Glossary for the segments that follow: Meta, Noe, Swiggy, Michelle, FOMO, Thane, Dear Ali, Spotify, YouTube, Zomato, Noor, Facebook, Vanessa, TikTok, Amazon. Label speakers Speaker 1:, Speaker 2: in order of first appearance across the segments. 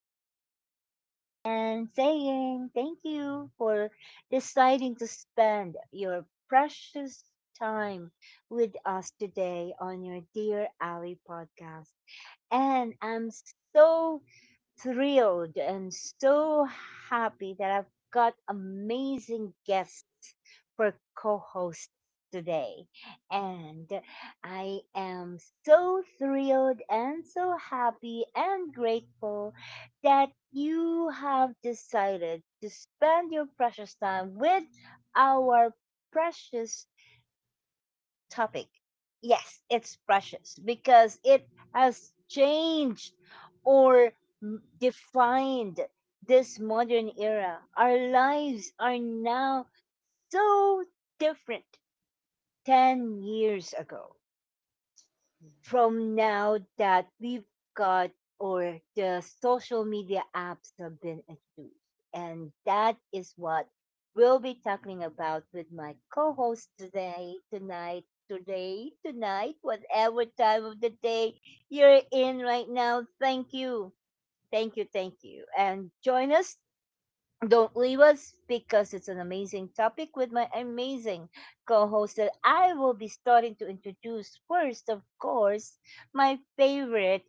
Speaker 1: dear Ali and saying thank you for deciding to spend your precious time with us today on your Dear Ali podcast. And I'm so thrilled and so happy that I've got amazing guests for co host today. And I am so thrilled and so happy and grateful that you have decided to spend your precious time with our precious topic. Yes, it's precious because it has changed or defined this modern era. Our lives are now so different 10 years ago from now that we've got or the social media apps have been introduced. And that is what we'll be talking about with my co-host today, tonight, whatever time of the day you're in right now. Thank you. Thank you. Thank you. And join us, don't leave us because it's an amazing topic with my amazing co host that I will be starting to introduce first, of course, my favorite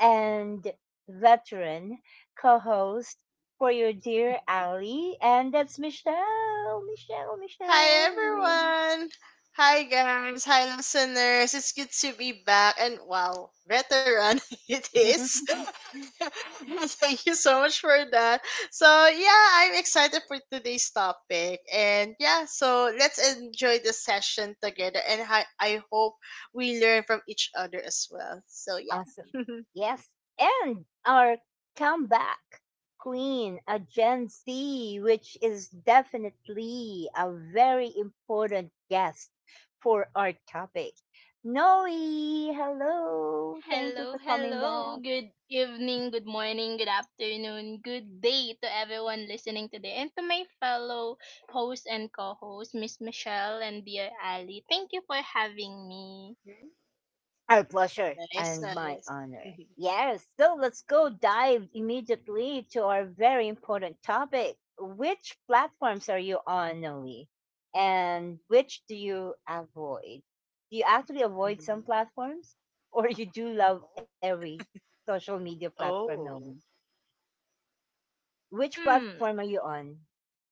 Speaker 1: and veteran co host for your dear Ali, and that's Michelle. Michelle,
Speaker 2: Hi
Speaker 1: Michelle.
Speaker 2: everyone. Hi guys. Hi listeners. It's good to be back and wow, veteran it is. Thank you so much for that. So yeah, I'm excited for today's topic. And yeah, so let's enjoy the session together and I hope we learn from each other as well. So
Speaker 1: Awesome.
Speaker 2: yeah.
Speaker 1: Yes. And our comeback queen, a Gen Z, which is definitely a very important guest for our topic. Noe, hello. Thank you
Speaker 3: Hello,
Speaker 1: for coming
Speaker 3: hello.
Speaker 1: back.
Speaker 3: Good evening, good morning, good afternoon, good day to everyone listening today and to my fellow host and co-host, Miss Michelle and dear Ali. Thank you for having me.
Speaker 2: Mhm.
Speaker 1: Our pleasure
Speaker 2: Nice,
Speaker 1: and my
Speaker 2: nice.
Speaker 1: honor. Yes, so let's go dive immediately to our very important topic. Which platforms are you on, Noe? And which do you avoid? Do you actually avoid some
Speaker 2: Mhm.
Speaker 1: platforms? Or you do love every social media platform, Noe?
Speaker 2: Oh.
Speaker 1: Which platform
Speaker 3: Hmm,
Speaker 1: are you on?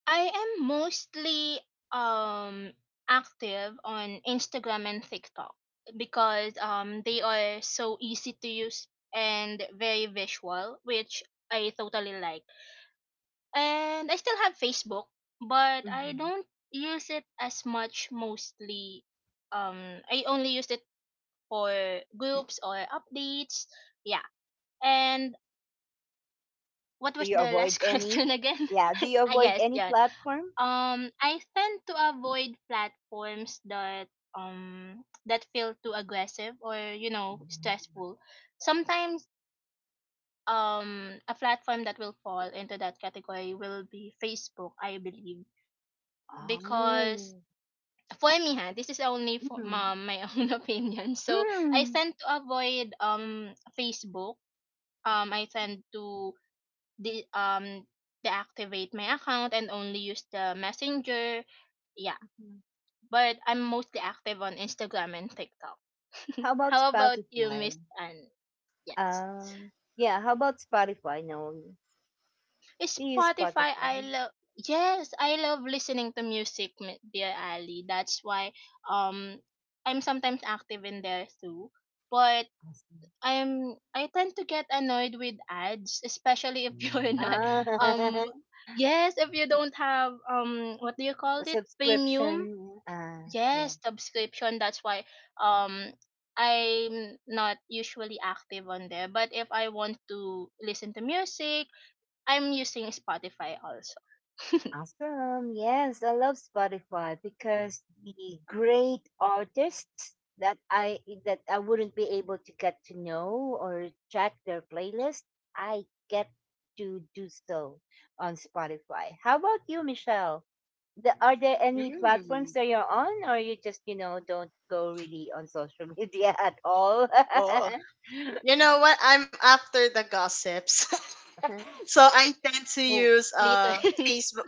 Speaker 3: I am mostly um active on Instagram and TikTok because they are so easy to use and very visual, which I totally like. And I still have Facebook, but I
Speaker 1: Mhm.
Speaker 3: don't use it as much mostly. I only used it for groups or updates. Yeah. And what
Speaker 1: Do
Speaker 3: was
Speaker 1: you
Speaker 3: the
Speaker 1: avoid
Speaker 3: last
Speaker 1: any?
Speaker 3: question again?
Speaker 1: Yeah, do you
Speaker 3: I
Speaker 1: avoid
Speaker 3: guess,
Speaker 1: any
Speaker 3: yeah.
Speaker 1: platform?
Speaker 3: I tend to avoid platforms that that feel too aggressive or, stressful. Sometimes a platform that will fall into that category will be Facebook, I believe, because
Speaker 1: Oh.
Speaker 3: for me, ha this is only for
Speaker 1: Mm.
Speaker 3: my own opinion, so I
Speaker 1: Mm.
Speaker 3: tend to avoid Facebook. I tend to de- um deactivate my account and only use the Messenger, yeah. But I'm mostly active on Instagram and TikTok.
Speaker 1: How about
Speaker 3: How about you,
Speaker 1: Spotify?
Speaker 3: Miss Anne? Yes.
Speaker 1: Um, yeah, how about Spotify, Noel? Do you use
Speaker 3: Spotify, I
Speaker 1: Spotify?
Speaker 3: love. Yes, I love listening to music, dear Ali. That's why um I'm sometimes active in there too, but
Speaker 1: Awesome.
Speaker 3: I tend to get annoyed with ads, especially if you're not.
Speaker 1: Ah,
Speaker 3: um yes, if you don't have what do you call it?
Speaker 1: subscription.
Speaker 3: Premium?
Speaker 1: Ah, yes.
Speaker 3: Yes, subscription. That's why um I'm not usually active on there. But if I want to listen to music, I'm using Spotify also.
Speaker 1: Awesome. Yes, I love Spotify because the great artists that I, that I wouldn't be able to get to know or check their playlist, I get to do so on Spotify. How about you, Michelle? The, are there any platforms
Speaker 2: Mm.
Speaker 1: that you're on, or you just, you know, don't go really on social media at all?
Speaker 2: Oh. You know what? I'm after the gossips. So I tend to
Speaker 3: Oh,
Speaker 2: use
Speaker 3: later.
Speaker 2: Facebook.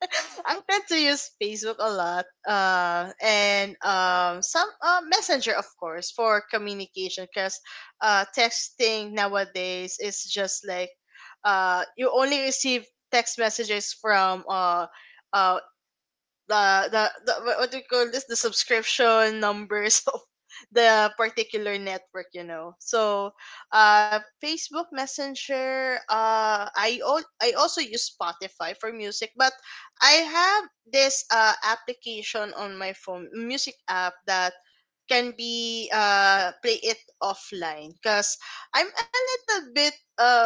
Speaker 2: I tend to use Facebook a lot. And Some Messenger of course for communication cuz texting nowadays is just like you only receive text messages from uh the the what do you call this, the subscription numbers of the particular network, you know. So Facebook Messenger. I also use Spotify for music, but I have this application on my phone, music app, that can be play it offline, because I'm a little bit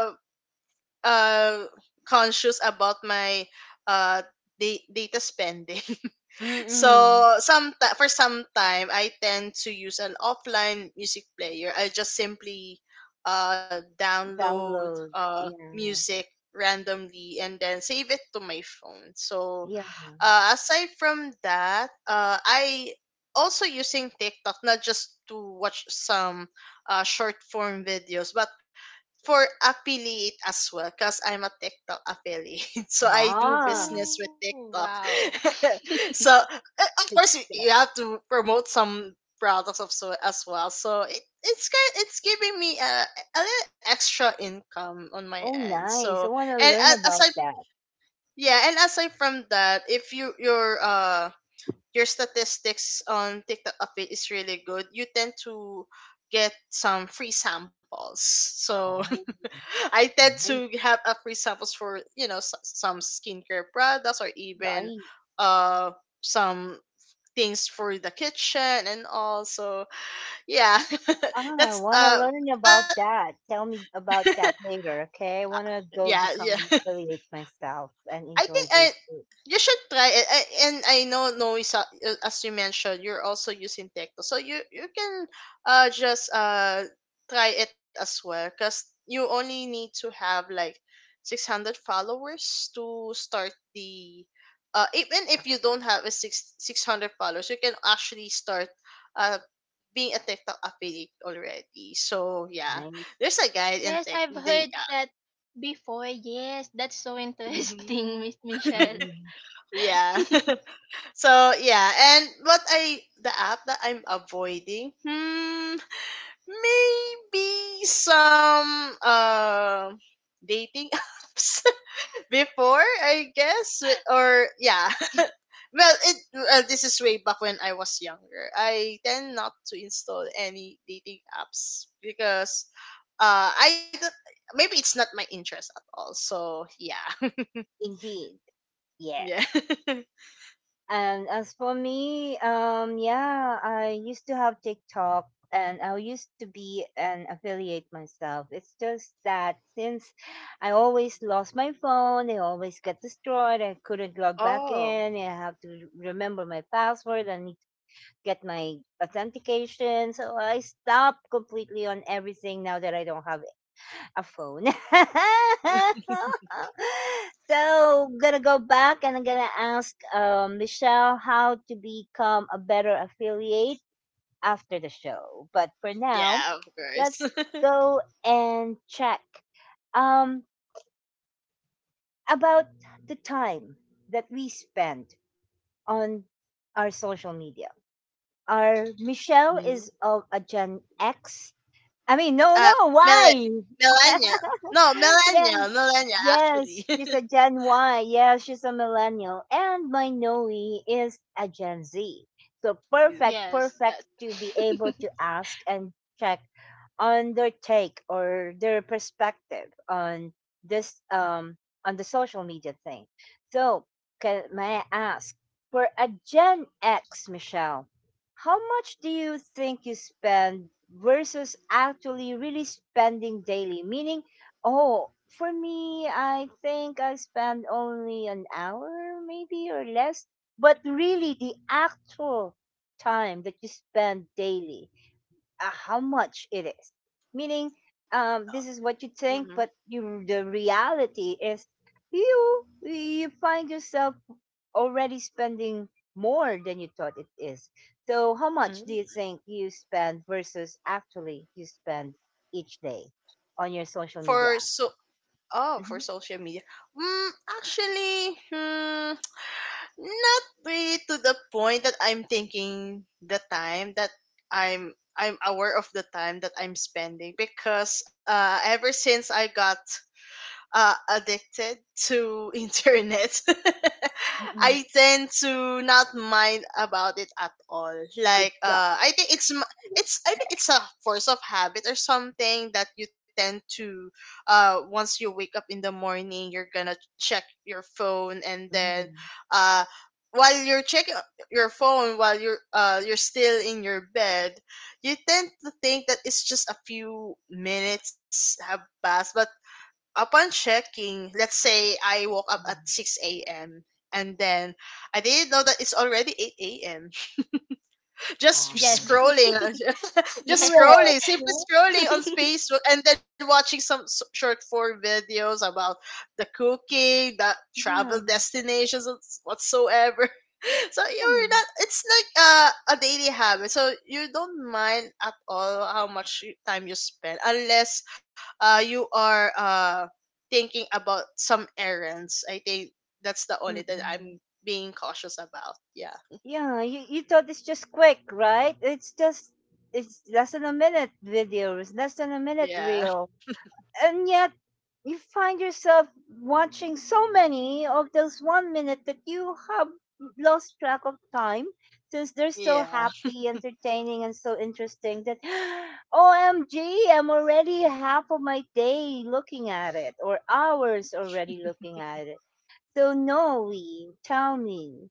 Speaker 2: uh conscious about my uh data spending.
Speaker 1: Mm-mm.
Speaker 2: So some, for some time I tend to use an offline music player. I just simply download
Speaker 1: Download, yeah,
Speaker 2: music randomly and then save it to my phone. So
Speaker 1: yeah.
Speaker 2: aside from that, I also using TikTok, not just to watch some short form videos, but for affiliate as well, because I'm a TikTok affiliate. So I do
Speaker 1: Ah,
Speaker 2: business with
Speaker 3: Ooh,
Speaker 2: TikTok.
Speaker 3: wow.
Speaker 2: So of
Speaker 1: good.
Speaker 2: course you
Speaker 1: Stuff.
Speaker 2: you have to promote some products of so as well. So it's kind, it's giving me a little extra income on my
Speaker 1: Oh,
Speaker 2: end. So
Speaker 1: nice. I want to
Speaker 2: and
Speaker 1: learn
Speaker 2: a- aside
Speaker 1: about that.
Speaker 2: yeah, and aside from that, if you your statistics on TikTok of it is really good, you tend to get some free samples. So
Speaker 1: Oh,
Speaker 2: I tend to
Speaker 1: nice,
Speaker 2: have a free samples for you know some skincare products or even
Speaker 1: nice.
Speaker 2: uh some things for the kitchen and all. So yeah,
Speaker 1: Ah, I
Speaker 2: that's
Speaker 1: want to learn about that. Tell me about
Speaker 2: but
Speaker 1: that later, okay? I want to go
Speaker 2: yeah, yeah,
Speaker 1: become an affiliate myself and
Speaker 2: I think
Speaker 1: enjoy
Speaker 2: I
Speaker 1: those foods.
Speaker 2: you should try it. And I know Noisa, as you mentioned, you're also using Tecto, so you can just try it as well, cause you only need to have like 600 followers to start the. Even if you don't have a six hundred followers, you can actually start uh being a TikTok affiliate already. So yeah,
Speaker 1: Nice.
Speaker 2: there's a guide in
Speaker 3: Yes,
Speaker 2: tech.
Speaker 3: I've
Speaker 2: They,
Speaker 3: heard that before. Yes, that's so
Speaker 2: yeah. Mhm.
Speaker 3: interesting, Miss Michelle.
Speaker 1: Mm-mm.
Speaker 2: Yeah. So yeah, and what I the app that I'm avoiding, hmm, maybe some dating apps before, I guess, or yeah. Well, it well, this is way back when I was younger. I tend not to install any dating apps because I don't. Maybe it's not my interest at all. So yeah,
Speaker 1: Indeed.
Speaker 2: yeah.
Speaker 1: Yes. And as for me, yeah, I used to have TikTok and I used to be an affiliate myself. It's just that since I always lost my phone, it always got destroyed. I couldn't log back
Speaker 2: Oh,
Speaker 1: in. I have to remember my password and need to get my authentication. So I stopped completely on everything now that I don't have a phone. So gonna go back and I'm gonna ask Michelle how to become a better affiliate after the show. But for now,
Speaker 2: yeah, of
Speaker 1: let's
Speaker 2: course.
Speaker 1: go and check um, about the time that we spend on our social media. Our Michelle is of a Gen X. I mean, no,
Speaker 2: Uh,
Speaker 1: no,
Speaker 2: mille-
Speaker 1: why?
Speaker 2: Millennial. No,
Speaker 1: Yeah,
Speaker 2: millennial. Millennial, actually.
Speaker 1: yes, she's a Gen Y. Yeah, she's a millennial. And my Noe is a Gen Z. So perfect,
Speaker 3: Yes,
Speaker 1: perfect
Speaker 3: yes.
Speaker 1: to be able to ask and check on their take or their perspective on this on the social media thing. So, can, may I ask for a Gen X, Michelle, how much do you think you spend versus actually really spending daily? Meaning, oh, for me, I think I spend only an hour maybe or less, but really the actual time that you spend daily, how much it is. Meaning, this is what you think,
Speaker 2: Mm-hmm.
Speaker 1: but you, the reality is you, you find yourself already spending more than you thought it is. So, how much do you
Speaker 2: Mm.
Speaker 1: think you spend versus actually you spend each day on your social media
Speaker 2: For
Speaker 1: app?
Speaker 2: so, oh, for
Speaker 1: Mhm.
Speaker 2: social media. Mm, actually, hmm, not really to the point that I'm thinking the time that I'm aware of the time that I'm spending, because ever since I got addicted to internet.
Speaker 1: Mm-mm.
Speaker 2: I tend to not mind about it at all.
Speaker 1: Good
Speaker 2: Like
Speaker 1: job.
Speaker 2: I think it's m- it's, I think it's a force of habit or something, that you tend to once you wake up in the morning, you're gonna check your phone, and then
Speaker 1: Mhm.
Speaker 2: uh while you're checking your phone, while you're still in your bed, you tend to think that it's just a few minutes have passed, but upon checking, let's say I woke up at 6 a.m. and then I didn't know that it's already 8 a.m, just
Speaker 1: Um.
Speaker 3: Yes.
Speaker 2: scrolling,
Speaker 3: Yeah.
Speaker 2: just
Speaker 1: Correct.
Speaker 2: scrolling, simply
Speaker 1: Yeah.
Speaker 2: scrolling on Facebook, and then watching some short form videos about the cooking, the
Speaker 1: Yeah.
Speaker 2: travel destinations, whatsoever. So you're not. It's like a daily habit. So you don't mind at all how much time you spend, unless you are thinking about some errands. I think that's the only thing
Speaker 1: Mm-mm.
Speaker 2: I'm being cautious about. Yeah.
Speaker 1: Yeah, you thought it's just quick, right? It's just, it's less than a minute video, it's less than a minute reel.
Speaker 2: Yeah.
Speaker 1: And yet you find yourself watching so many of those 1 minute that you have lost track of time since they're so
Speaker 2: Yeah.
Speaker 1: happy, entertaining and so interesting that O M am already half of my day looking at it or hours already looking at it. So no, we tell me,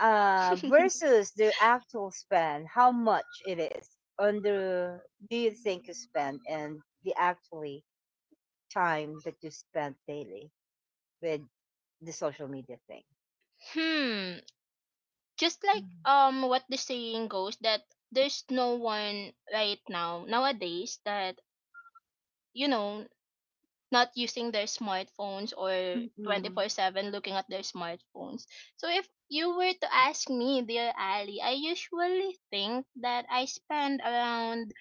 Speaker 1: versus the actual spend how much it is, on the, do you think you spend and the actually time that you spend daily with the social media thing.
Speaker 3: Hmm. Just like
Speaker 1: Mm-hmm.
Speaker 3: what the saying goes, that there's no one right now nowadays that, you know not using their smartphones, or
Speaker 1: Mm-hmm.
Speaker 3: 24/7 looking at their smartphones. So if you were to ask me, dear Ali, I usually think that I spend around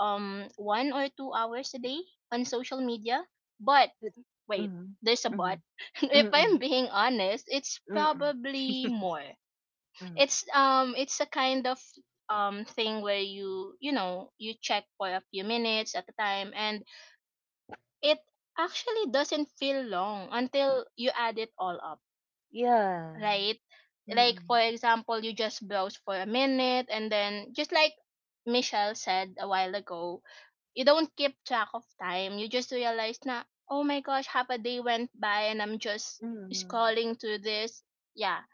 Speaker 3: 1 or 2 hours a day on social media, but wait, there's a
Speaker 1: Mm-hmm.
Speaker 3: but. If
Speaker 1: Mm-hmm.
Speaker 3: I'm being honest, it's
Speaker 1: Mm-hmm.
Speaker 3: probably more. It's a kind of thing where you check for a few minutes at a time, and it actually doesn't feel long until you add it all up,
Speaker 1: Yeah.
Speaker 3: right? Like,
Speaker 1: Mm-hmm.
Speaker 3: for example, you just browse for a minute, and then just like Michelle said a while ago, you don't keep track of time. You just realize na, oh my gosh, half a day went by and I'm just
Speaker 1: Mm-hmm.
Speaker 3: scrolling through this. Yeah.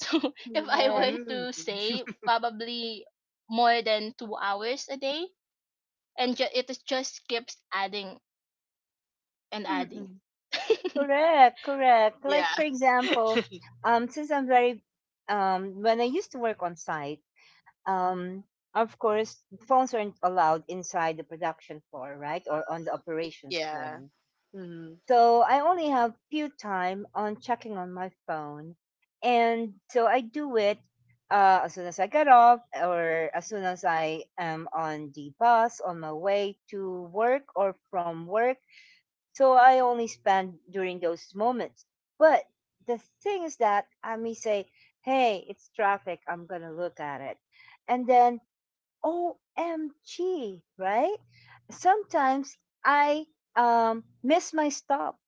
Speaker 3: So if I
Speaker 1: Correct.
Speaker 3: were to
Speaker 2: Mm.
Speaker 3: say, probably more than 2 hours a day, and it is just keeps adding and adding.
Speaker 1: Mm-hmm. Correct, correct, like for
Speaker 2: Yeah.
Speaker 1: example, since I'm very, when I used to work on site, um, of course, phones aren't allowed inside the production floor, right, or on the operations floor.
Speaker 2: Yeah. Hmm.
Speaker 1: So I only have few time on checking on my phone, and so I do it as soon as I get off, or as soon as I am on the bus on my way to work or from work. So I only spend during those moments. But the thing is that I may say, "Hey, it's traffic. I'm gonna look at it," and then OMG, right? Sometimes I, miss my stop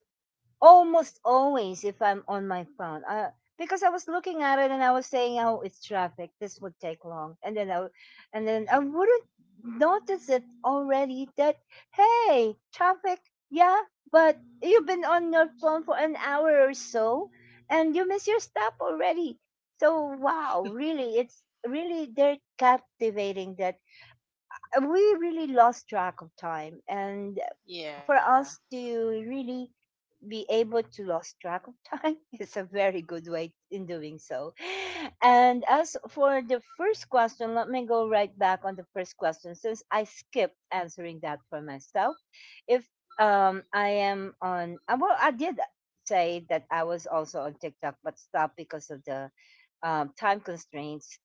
Speaker 1: almost always if I'm on my phone. Because I was looking at it and I was saying, "Oh, it's traffic. This would take long." And then I wouldn't notice it already that hey, traffic. Yeah, but you've been on your phone for an hour or so, and you miss your stop already. So wow, really, it's really they're captivating that, we really lost track of time, and for
Speaker 2: Yeah.
Speaker 1: us to really be able to lost track of time is a very good way in doing so. And as for the first question, let me go right back on the first question since I skipped answering that for myself. If, I am on, well I did say that I was also on TikTok but stopped because of the, time constraints,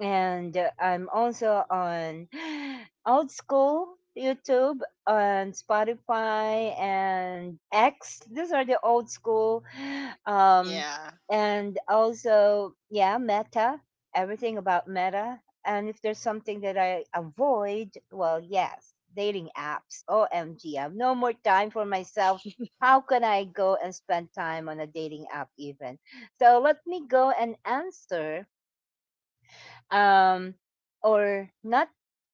Speaker 1: and I'm also on Old School YouTube, on Spotify and X. These are the old school, um,
Speaker 2: Yeah.
Speaker 1: and also yeah, Meta. Everything about Meta. And if there's something that I avoid, well, yes, dating apps. OMG, I have no more time for myself. How can I go and spend time on a dating app even? So let me go and answer, um, or not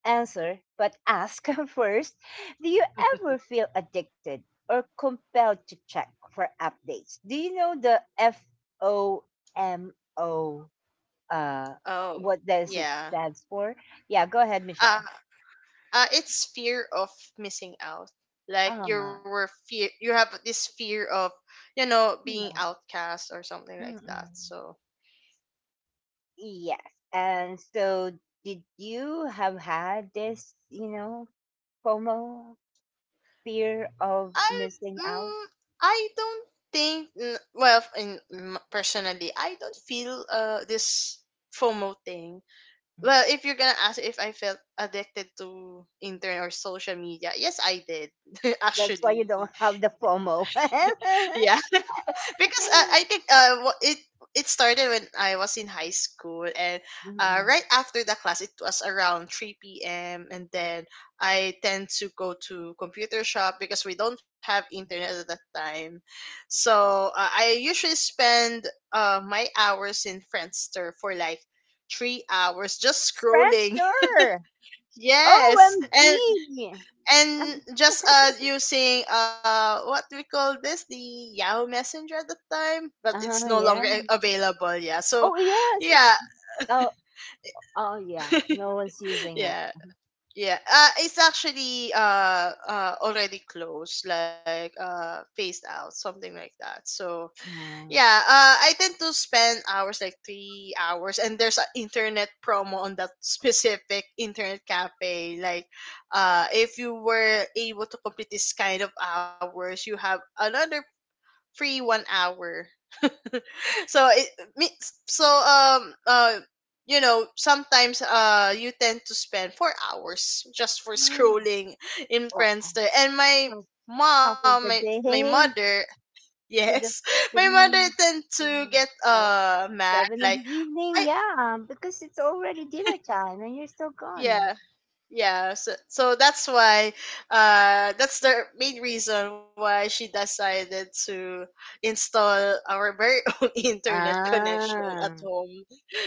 Speaker 1: answer but ask first, do you ever feel addicted or compelled to check for updates? Do you know the FOMO, uh
Speaker 2: Oh,
Speaker 1: what does it
Speaker 2: yeah.
Speaker 1: stands for? Yeah, go ahead
Speaker 2: Uh,
Speaker 1: Michelle.
Speaker 2: it's fear of missing out. Like you
Speaker 1: Ah,
Speaker 2: were fear, you have this fear of, you know, being
Speaker 1: yeah.
Speaker 2: outcast or something like that.
Speaker 1: Mm-mm.
Speaker 2: So
Speaker 1: Yes, and so did you have had this, you know, FOMO, fear of
Speaker 2: I,
Speaker 1: missing out?
Speaker 2: mm, I don't think. Well, in personally, I don't feel this FOMO thing. Well, if you're gonna ask if I felt addicted to internet or social media, yes, I did.
Speaker 1: That's why you
Speaker 2: Actually.
Speaker 1: don't have the FOMO.
Speaker 2: Yeah, because I think it it started when I was in high school, and
Speaker 1: Mhm.
Speaker 2: right after the class, it was around three p.m. And then I tend to go to computer shop because we don't have internet at that time, so I usually spend my hours in Friendster for like 3 hours, just
Speaker 1: French
Speaker 2: scrolling.
Speaker 1: door.
Speaker 2: Yes, and
Speaker 1: OMG.
Speaker 2: just using what we call this the Yahoo Messenger at the time, but it's no longer
Speaker 1: Yeah.
Speaker 2: available. Yeah, so
Speaker 1: Oh, yes. It's,
Speaker 2: yeah,
Speaker 1: oh, oh, yeah. No one's using it.
Speaker 2: yeah, yeah. It's actually already closed, like phased out, something like that. So yeah,
Speaker 1: Mm.
Speaker 2: I tend to spend hours like 3 hours, and there's an internet promo on that specific internet cafe. Like, if you were able to complete this kind of hours, you have another free one hour. So it means, so you know, sometimes you tend to spend 4 hours just for scrolling in
Speaker 1: Oh,
Speaker 2: Friendster, and
Speaker 1: half, half of the
Speaker 2: my
Speaker 1: day
Speaker 2: mother
Speaker 1: to
Speaker 2: Yes.
Speaker 1: the
Speaker 2: My mother
Speaker 1: three,
Speaker 2: tend to
Speaker 1: four,
Speaker 2: get
Speaker 1: five,
Speaker 2: mad
Speaker 1: seven in
Speaker 2: like
Speaker 1: the evening.
Speaker 2: I
Speaker 1: Yeah, because it's already dinner time and you're still gone.
Speaker 2: yeah, yeah. So, so that's why that's the main reason why she decided to install our very own internet connection at
Speaker 1: Ah,
Speaker 2: home.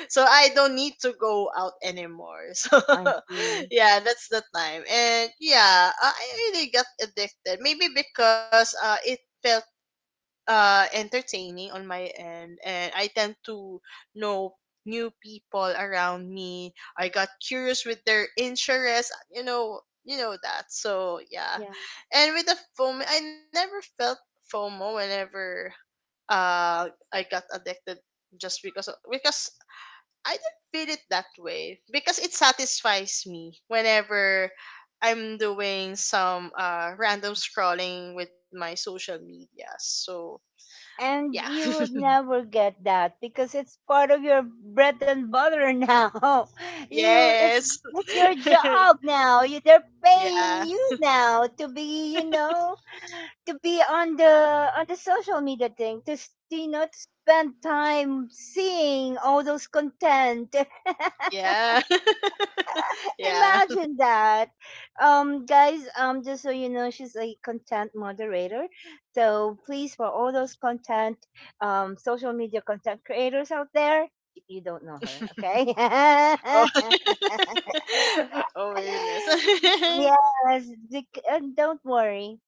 Speaker 2: So I don't need to go out anymore. So
Speaker 1: I see.
Speaker 2: yeah, that's the time. And yeah, I really got addicted. Maybe because it felt entertaining on my end, and I tend to know new people around me. I got curious with their interests, you know that. So yeah.
Speaker 1: Yeah.
Speaker 2: And with the FOMO, I never felt FOMO whenever uh I got addicted, just because of, because I don't feel it that way. Because it satisfies me whenever I'm doing some random scrolling with my social media. So yeah.
Speaker 1: And you would never get that because it's part of your bread and butter now. You, it's
Speaker 2: Yes.
Speaker 1: it's your job now. You, they're paying
Speaker 2: Yeah.
Speaker 1: you now to be, you know, to be on the, on the social media thing to s- you know to spend time seeing all those content.
Speaker 2: Yeah. Yeah.
Speaker 1: Imagine that. Guys, just so you know, she's a content moderator. So please, for all those content, social media content creators out there, you don't know her, okay?
Speaker 2: Oh, oh my goodness.
Speaker 1: Yes, and don't worry,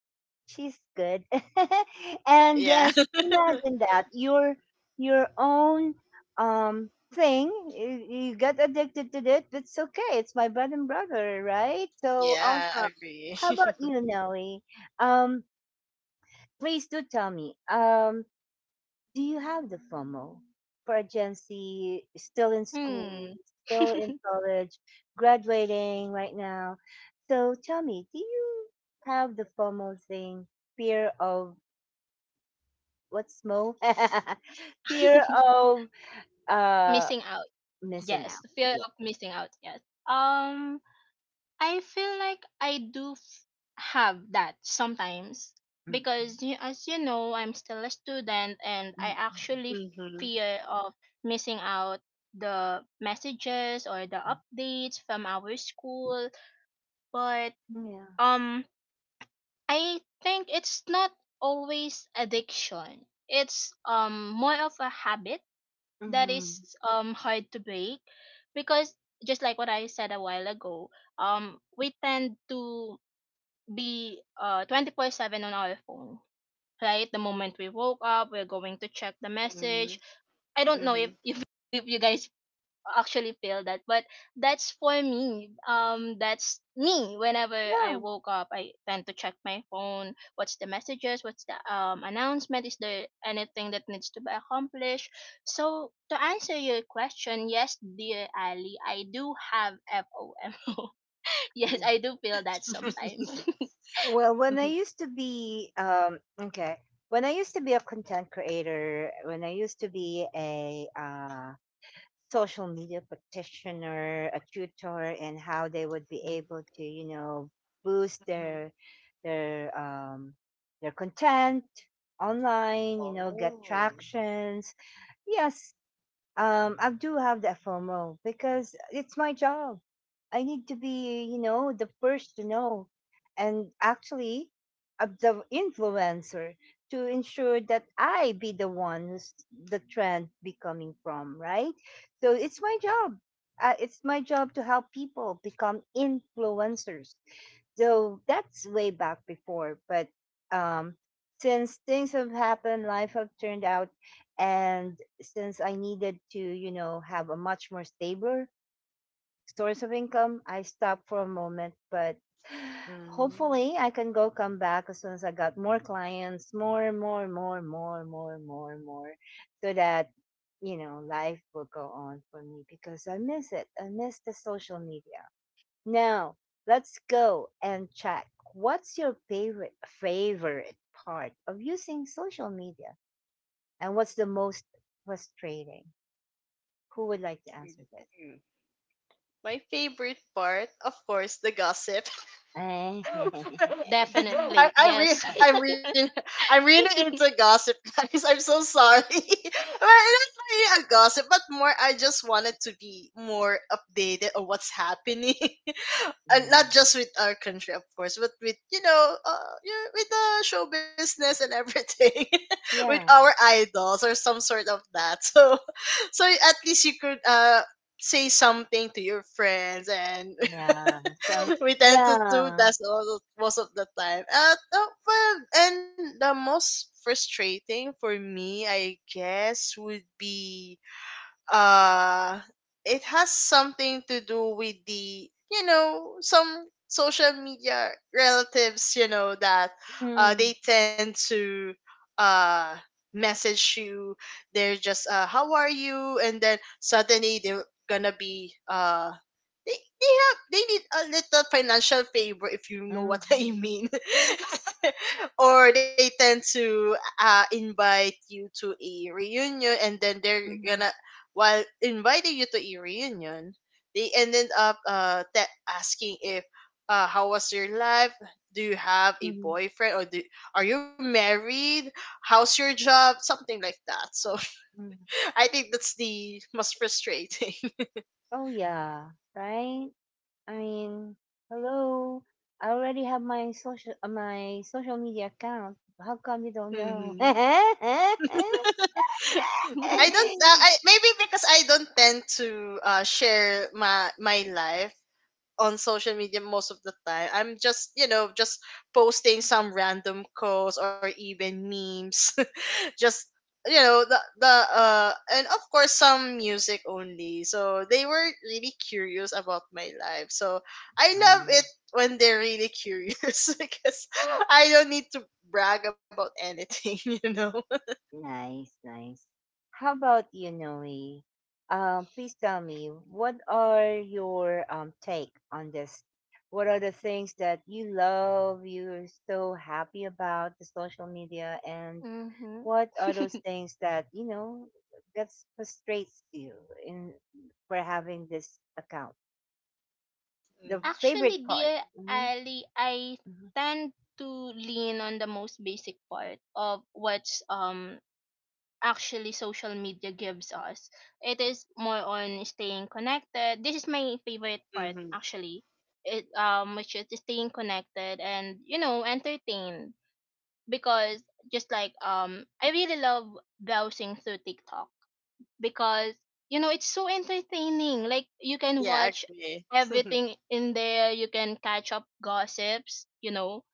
Speaker 1: she's good. And
Speaker 2: Yeah.
Speaker 1: yes, imagine that your own um thing you, you get addicted to it. That's okay. It's my bread and butter, right? So
Speaker 2: Yeah, I
Speaker 1: awesome.
Speaker 2: agree.
Speaker 1: How about you, Nelly? Um, please do tell me. Do you have the FOMO for a Gen Z still in school,
Speaker 3: Hmm.
Speaker 1: still in college, graduating right now? So tell me, do you have the FOMO thing, fear of, what's Mo? Fear of uh
Speaker 3: Missing out.
Speaker 1: missing
Speaker 3: Yes,
Speaker 1: out.
Speaker 3: fear
Speaker 1: Yeah.
Speaker 3: of missing out. Yes. Um, I feel like I do have that sometimes
Speaker 1: Mm,
Speaker 3: because, as you know, I'm still a student, and I
Speaker 1: mm,
Speaker 3: actually
Speaker 2: Mm-hmm.
Speaker 3: fear of missing out the messages or the
Speaker 1: mm,
Speaker 3: updates from our school. But
Speaker 1: mm, yeah.
Speaker 3: um, I think it's not always addiction. It's more of a habit that
Speaker 1: Mm-hmm.
Speaker 3: is hard to break because, just like what I said a while ago, we tend to be 24/7 on our phone, right? The moment we woke up, we're going to check the
Speaker 2: Mm-hmm.
Speaker 3: message. I don't know
Speaker 2: Mm-hmm.
Speaker 3: if if you guys actually feel that, but that's for me. That's me. Whenever I
Speaker 1: Yeah.
Speaker 3: woke up, I tend to check my phone, what's the messages, what's the announcement, is there anything that needs to be accomplished. So, to answer your question, yes, dear Ali, I do have FOMO. Yes,
Speaker 1: Yeah.
Speaker 3: I do feel that sometimes.
Speaker 1: Well, when I used to be, um, okay, when I used to be a content creator, when I used to be a social media practitioner, a tutor, and how they would be able
Speaker 2: Mm-hmm.
Speaker 1: to, you know, boost their, their um their content online, you know, get
Speaker 2: Oh.
Speaker 1: tractions, yes, I do have that FOMO because it's my job. I need to be, you know, the first to know, and actually, the influencer to ensure that I be the one who's the trend be coming from, right? So it's my job. It's my job to help people become influencers, so that's way back before, but um, since things have happened, life have turned out, and since I needed to, you know, have a much more stable source of income, I stopped for a moment. But
Speaker 2: Mm-hmm.
Speaker 1: hopefully, I can go come back as soon as I got more clients, more and more and more and more and more and more and more, so that you know life will go on for me because I miss it. I miss the social media. Now, let's go and check. What's your favorite part of using social media? And what's the most frustrating? Who would like to answer this?
Speaker 2: Mm-hmm. My favorite part, of course, the gossip. I,
Speaker 3: Definitely,
Speaker 2: I read
Speaker 3: yes.
Speaker 2: I'm reading I'm reading into gossip, guys. I'm so sorry. But it's not really a gossip, but more I just wanted to be more updated on what's happening. And
Speaker 1: Yeah.
Speaker 2: not just with our country of course, but with you know, yeah, with the show business and everything. With
Speaker 1: Yeah.
Speaker 2: our idols or some sort of that. So, so at least you could say something to your friends. And
Speaker 1: Yeah. So
Speaker 2: we tend to do
Speaker 1: yeah.
Speaker 2: that all, most of the time. Well, and the most frustrating for me, I guess, would be uh, it has something to do with the, you know, some social media relatives, you know that they
Speaker 1: Mm,
Speaker 2: tend to uh message you. They're just how are you, and then suddenly they're gonna be they need a little financial favor, if you know what I
Speaker 1: mhm,
Speaker 2: mean. Or they tend to invite you to a reunion, and then they're
Speaker 1: mhm,
Speaker 2: gonna, while inviting you to a reunion, they ended up asking if how was your life? Do you have a
Speaker 1: mhm,
Speaker 2: boyfriend, or do, are you married? How's your job? Something like that. So
Speaker 1: mhm.
Speaker 2: I think that's the most frustrating.
Speaker 1: Oh yeah, right? I mean, hello. I already have my social media account. How come you don't
Speaker 2: Hmm.
Speaker 1: know?
Speaker 2: I don't. I maybe because I don't tend to share my my life on social media most of the time. I'm just, you know, just posting some random quotes or even memes. Just you know the and of course some music only. So they were really curious about my life. So I love it
Speaker 1: Um,
Speaker 2: when they're really curious, because I don't need to brag about anything. You know.
Speaker 1: Nice, nice. How about you, Noe? Please tell me, what are your take on this? What are the things that you love? You're so happy about the social media, and
Speaker 3: Hmm.
Speaker 1: what are those things that that frustrates you in for having this account, the
Speaker 3: Actually,
Speaker 1: favorite part?
Speaker 3: dear
Speaker 1: Mm-hmm.
Speaker 3: Ali, I tend to lean on the most basic part of what's, actually, social media gives us. It is more on staying connected. This is my favorite part,
Speaker 2: Mm-hmm.
Speaker 3: actually. It Which is staying connected and, entertained, because, just like, I really love browsing through TikTok because, it's so entertaining. Like, you can
Speaker 2: Yeah, I
Speaker 3: watch
Speaker 2: agree.
Speaker 3: everything in there, you can catch up gossips.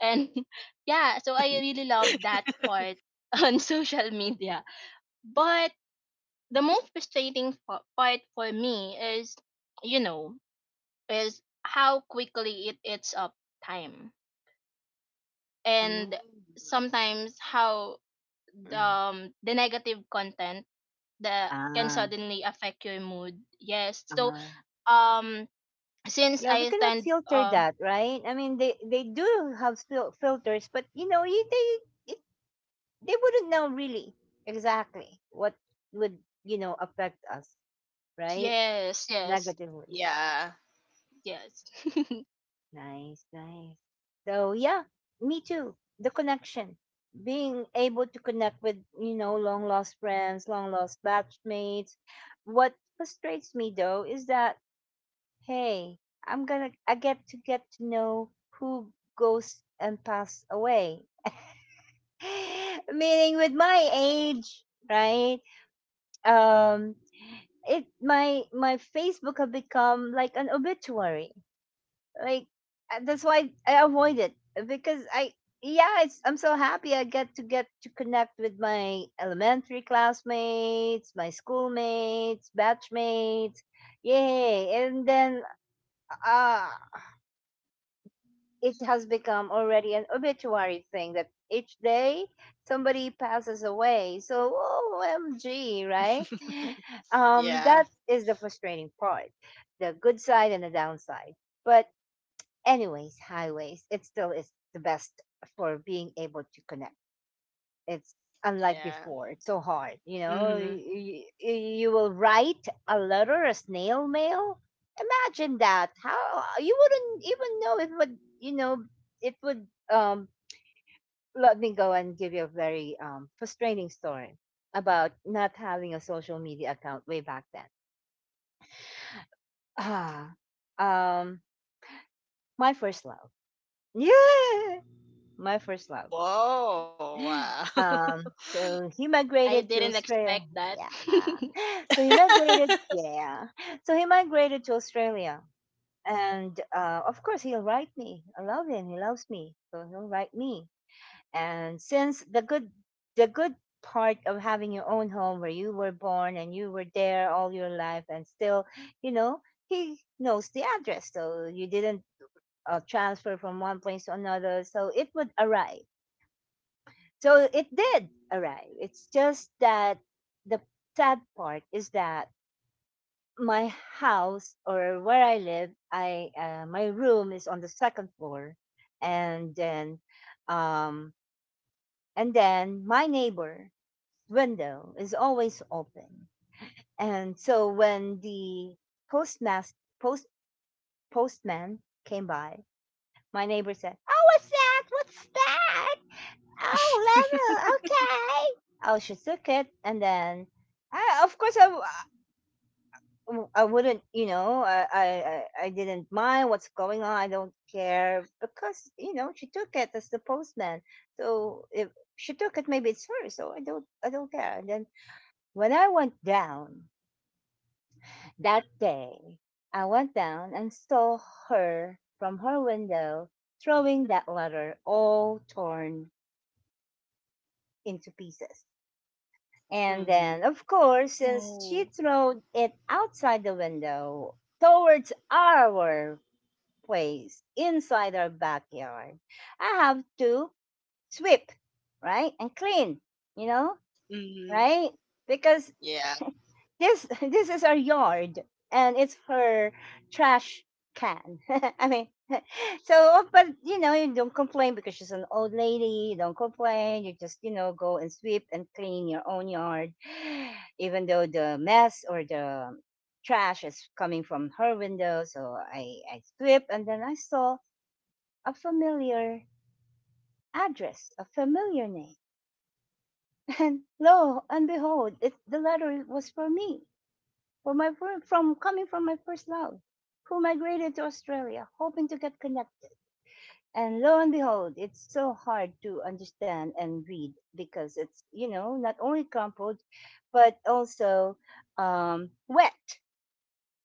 Speaker 3: And yeah, so I really love that part on social media. But the most frustrating part for me is, you know, is how quickly it eats up time.
Speaker 2: Mm.
Speaker 3: And sometimes how the,
Speaker 1: Mm-hmm.
Speaker 3: um, the negative content that can
Speaker 1: ah
Speaker 3: suddenly affect your mood. Yes. So
Speaker 1: uh
Speaker 3: um since
Speaker 1: yeah,
Speaker 3: I
Speaker 1: we cannot
Speaker 3: attend
Speaker 1: filter that, right? I mean, they do have filters, but they wouldn't know really exactly what would, you know, affect us, right,
Speaker 3: yes, yes,
Speaker 1: negatively.
Speaker 2: Yeah.
Speaker 3: yes.
Speaker 1: Nice, nice. So yeah, me too. The connection, being able to connect with, you know, long lost friends, long lost batchmates. What frustrates me though is that, hey, I get to know who goes and pass away. Meaning with my age, right? Um, it, my Facebook have become like an obituary. Like that's why I avoid it, because I, yeah, it's, I'm so happy I get to connect with my elementary classmates, my schoolmates, batchmates, yay! And then uh it has become already an obituary thing that each day somebody passes away. So OMG, right?
Speaker 2: Yeah.
Speaker 1: That is the frustrating part, the good side and the downside. But anyways, highways, it still is the best for being able to connect. It's unlike
Speaker 2: Yeah.
Speaker 1: before, it's so hard. You know,
Speaker 2: Hmm.
Speaker 1: you will write a letter, a snail mail. Imagine that. How you wouldn't even know it would, you know, it would. Um, Let me go and give you a very frustrating story about not having a social media account way back then. Ah, um, my first love. Yeah, my first love.
Speaker 2: Whoa. Wow.
Speaker 1: So he
Speaker 3: I
Speaker 1: migrated to
Speaker 3: didn't
Speaker 1: Australia.
Speaker 3: expect that.
Speaker 1: Yeah. So he migrated. Yeah. So he migrated to Australia, and of course he'll write me. I love him. He loves me, so he'll write me. And since the good part of having your own home where you were born and you were there all your life, and still, you know, he knows the address, so you didn't transfer from one place to another, so it would arrive. So it did arrive. It's just that the sad part is that my house, or where I live, I my room is on the second floor, and then um, and then my neighbor's window is always open, and so when the postmaster post postman came by, my neighbor said, "Oh, what's that? What's that? Oh, level. Okay." Oh, she took it, and then I, of course, I, I wouldn't, you know, I, I didn't mind what's going on. I don't care because, you know, she took it as the postman. So if she took it, maybe it's hers. So I don't care. And then when I went down that day, I went down and saw her from her window throwing that letter all torn into pieces. And
Speaker 2: Hmm.
Speaker 1: then, of course, since she
Speaker 3: Ooh.
Speaker 1: threw it outside the window towards our place inside our backyard, I have to sweep, right? And clean, you know,
Speaker 2: Hmm.
Speaker 1: right? Because
Speaker 2: Yeah.
Speaker 1: this this is our yard and it's her trash can. I mean, so, oh, but you know, you don't complain because she's an old lady. You don't complain. You just, you know, go and sweep and clean your own yard, even though the mess or the trash is coming from her window. So I sweep and then I saw a familiar address, a familiar name. And lo and behold, the letter was for me, for from coming from my first love, who migrated to Australia, hoping to get connected. And lo and behold, it's so hard to understand and read because it's, you know, not only crumpled, but also wet.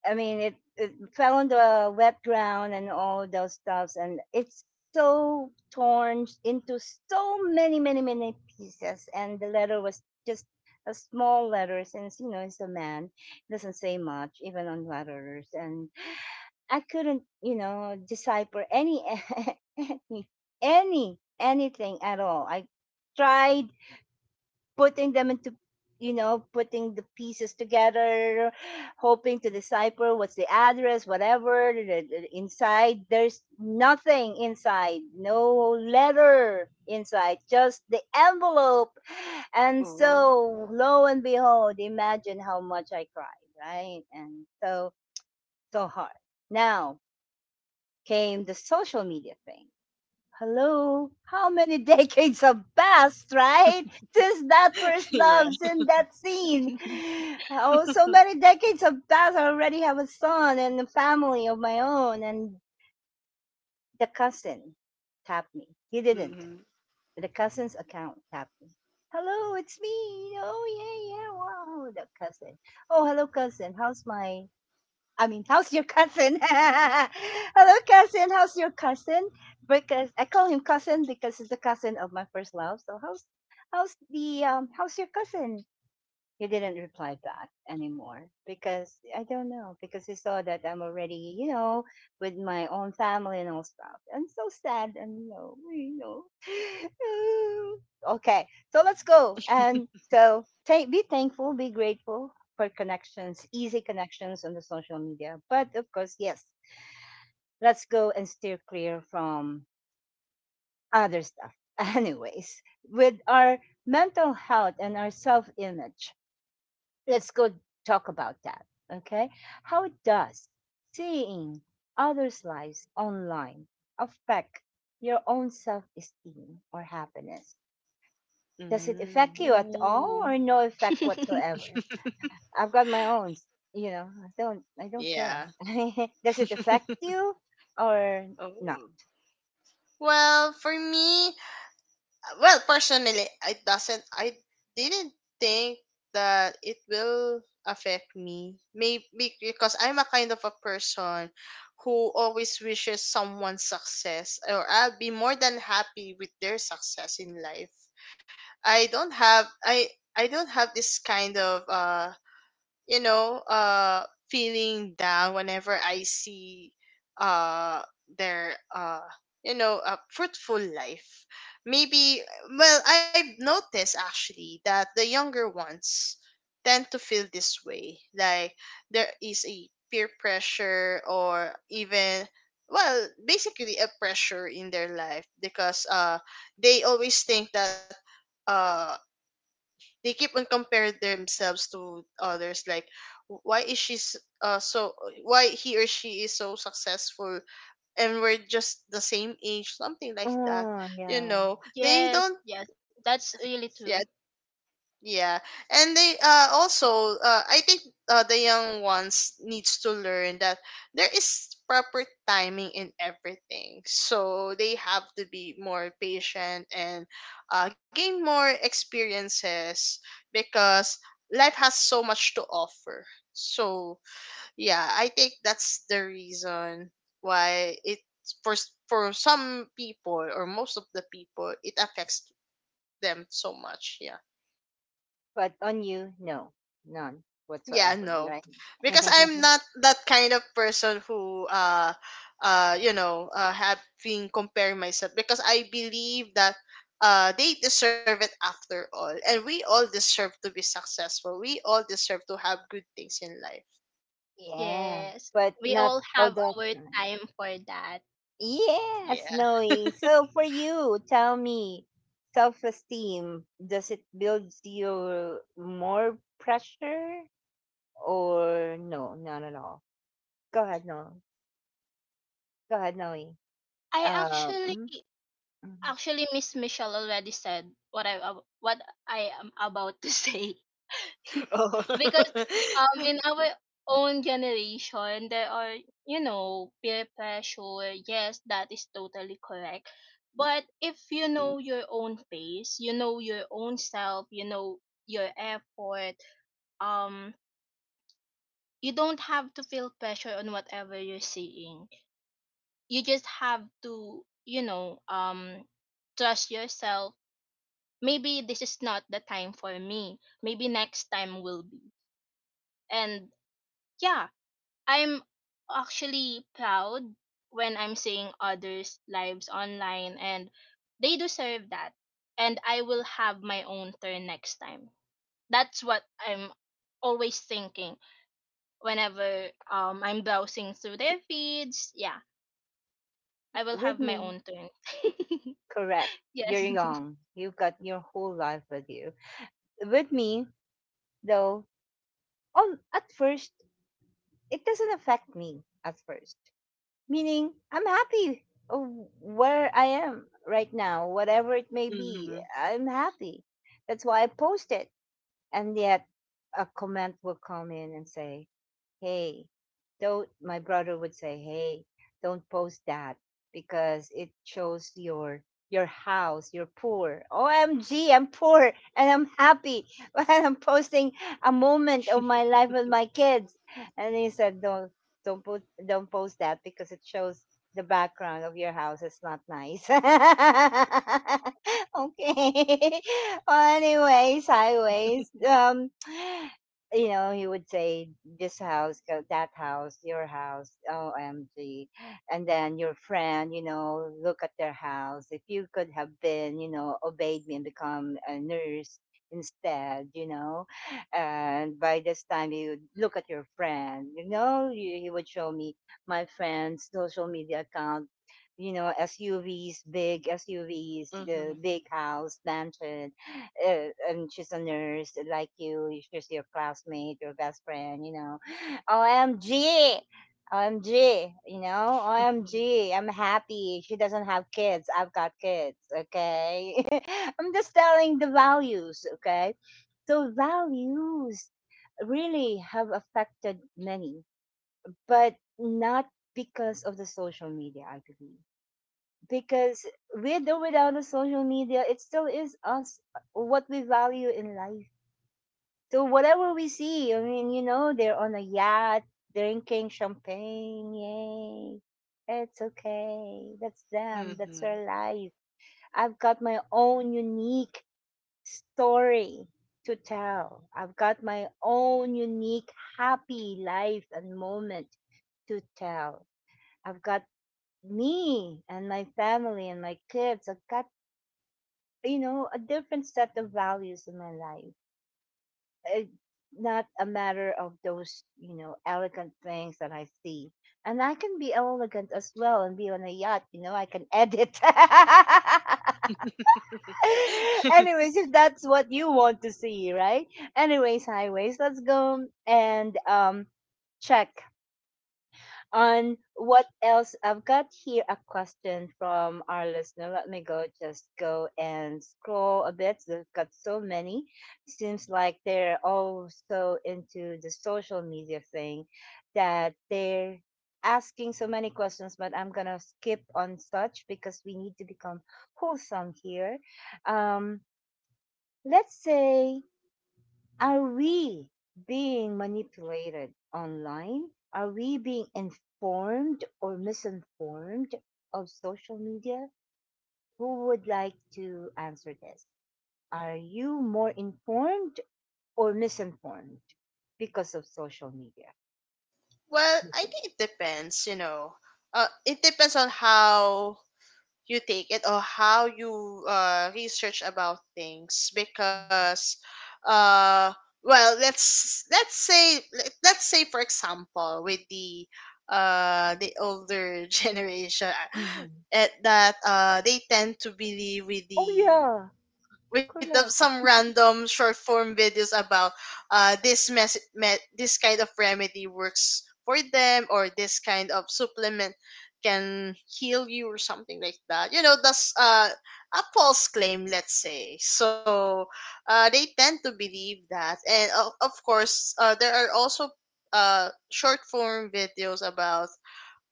Speaker 1: I mean, it fell on the wet ground and all those stuffs. And it's so torn into so many, many, many pieces. And the letter was just a small letter since, you know, it's a man. It doesn't say much, even on letters. And I couldn't, you know, decipher any any anything at all. I tried putting them into, you know, putting the pieces together, hoping to decipher what's the address, whatever inside. There's nothing inside, no letter inside, just the envelope. And
Speaker 2: Ooh.
Speaker 1: so, lo and behold, imagine how much I cried, right? And so, so hard. Now, came the social media thing. Hello, how many decades have passed, right? Since that first
Speaker 2: Yeah.
Speaker 1: love, since that scene. Oh, so many decades have passed. I already have a son and a family of my own. And the cousin tapped me. He didn't.
Speaker 2: Hmm.
Speaker 1: The cousin's account tapped me. Hello, it's me. Oh, yeah, yeah, wow. The cousin. Oh, hello, cousin. How's my I mean, how's your cousin? Hello, cousin. How's your cousin? Because I call him cousin because he's the cousin of my first love. So how's the how's your cousin? He didn't reply back anymore because I don't know, because he saw that I'm already, you know, with my own family and all stuff. I'm so sad and you know, you know. Okay, so let's go and so thank be thankful, be grateful for connections, easy connections on the social media. But of course, yes, let's go and steer clear from other stuff. Anyways, with our mental health and our self image, let's go talk about that. Okay. How does seeing others' lives online affect your own self esteem or happiness? Does it
Speaker 2: Hmm.
Speaker 1: affect you at all
Speaker 3: Ooh.
Speaker 1: or no effect whatsoever? I've got my own, you know, I don't care.
Speaker 2: Yeah.
Speaker 1: Does it affect you or not?
Speaker 2: Oh. Well, for me, well personally it doesn't I didn't think that it will affect me, maybe because I'm a kind of a person who always wishes someone's success, or I'll be more than happy with their success in life. I don't have i i don't have this kind of you know uh feeling down whenever I see uh their a fruitful life, maybe. Well, I've noticed actually that the younger ones tend to feel this way, like there is a peer pressure, or even, well, basically a pressure in their life because they always think that uh they keep on comparing themselves to others, like, "Why is she s- so why he or she is so successful, and we're just the same age, something like that."
Speaker 1: Oh
Speaker 2: You
Speaker 1: yeah.
Speaker 2: know, they
Speaker 3: Yes,
Speaker 2: don't.
Speaker 3: yes, that's really
Speaker 2: Yeah.
Speaker 3: true.
Speaker 2: Yeah, and they also I think, the young ones needs to learn that there is proper timing in everything. So they have to be more patient and gain more experiences, because life has so much to offer. So yeah, I think that's the reason why it, for some people or most of the people, it affects them so much. Yeah.
Speaker 1: But on you, no. None
Speaker 2: Yeah,
Speaker 1: whatsoever,
Speaker 2: no.
Speaker 1: right?
Speaker 2: Because I'm not that kind of person who having compare myself, because I believe that they deserve it after all, and we all deserve to be successful. We all deserve to have good things in life.
Speaker 1: Yeah.
Speaker 3: Yes,
Speaker 1: But
Speaker 3: we
Speaker 1: not
Speaker 3: all
Speaker 1: all
Speaker 3: have
Speaker 1: that
Speaker 3: our
Speaker 1: kind.
Speaker 3: time for that.
Speaker 2: Yeah.
Speaker 1: Yes, Noe. So for you, tell me, self-esteem, does it build you more pressure or no, not at all? Go ahead, no. Go ahead, Noe.
Speaker 3: I actually
Speaker 1: Mhm, mhm.
Speaker 3: Actually, Miss Michelle already said what I am about to say. Because
Speaker 2: Oh.
Speaker 3: in our own generation, there are, peer pressure. Yes, that is totally correct. But if you know your own pace, you know your own self, you know your effort, um you don't have to feel pressure on whatever you're seeing. You just have to trust yourself. Maybe this is not the time for me. Maybe next time will be. And yeah, I'm actually proud when I'm seeing others' lives online, and they deserve that. And I will have my own turn next time. That's what I'm always thinking whenever I'm browsing through their feeds. Yeah, I will
Speaker 1: With
Speaker 3: have my
Speaker 1: me,
Speaker 3: own turn.
Speaker 1: correct. You're
Speaker 3: Yes.
Speaker 1: young. You've got your whole life with you. With me, though, at first, it doesn't affect me at first. Meaning I'm happy of where I am right now, whatever it may be.
Speaker 2: Mhm.
Speaker 1: I'm happy. That's why I post it. And yet a comment will come in and say, hey, don't, my brother would say, hey, don't post that because it shows your house, you're poor, OMG, I'm poor and I'm happy, but I'm posting a moment of my life with my kids. And he said, don't put don't post that because it shows the background of your house, it's not nice. Okay. Well, anyways, highways, you know, he would say this house, go that house, your house, OMG. And then your friend, you know, look at their house. If you could have been, you know, obeyed me and become a nurse instead, you know, and by this time you would look at your friend, you know, you, he would show me my friend's social media account, you know, SUVs, big SUVs, the
Speaker 2: Mhm.
Speaker 1: big house, mansion, and she's a nurse like you. She's your classmate, your best friend. You know, OMG, OMG, you know, O M am happy. She doesn't have kids. I've got kids. Okay, I'm just telling the values. Okay, so values really have affected many, but not because of the social media. I believe because with or without the social media, it still is us what we value in life. So whatever we see, I mean, you know, they're on a yacht drinking champagne. Yay. It's okay. That's them. That's
Speaker 2: Mhm.
Speaker 1: their life. I've got my own unique story to tell. I've got my own unique happy life and moment to tell. I've got me and my family and my kids. I've got, you know, a different set of values in my life. It's not a matter of those, you know, elegant things that I see. And I can be elegant as well and be on a yacht, you know, I can edit. Anyways, if that's what you want to see, right? Anyways, highways, let's go and check on what else I've got here, a question from our listener. Let me go just go and scroll a bit. They've got so many. Seems like they're all so into the social media thing that they're asking so many questions, but I'm gonna skip on such because we need to become wholesome here. Um let's say, are we being manipulated online? Are we being informed or misinformed of social media? Who would like to answer this? Are you more informed or misinformed because of social media?
Speaker 2: Well, I think it depends, you know. It depends on how you take it or how you research about things, because uh well, let us say, for example, with the older generation,
Speaker 1: Hmm.
Speaker 2: at that they tend to believe with
Speaker 1: Oh yeah, correct.
Speaker 2: some random short form videos about this kind of remedy works for them, or this kind of supplement can heal you, or something like that. You know, that's a false claim, let's say. So they tend to believe that. And of course, there are also short form videos about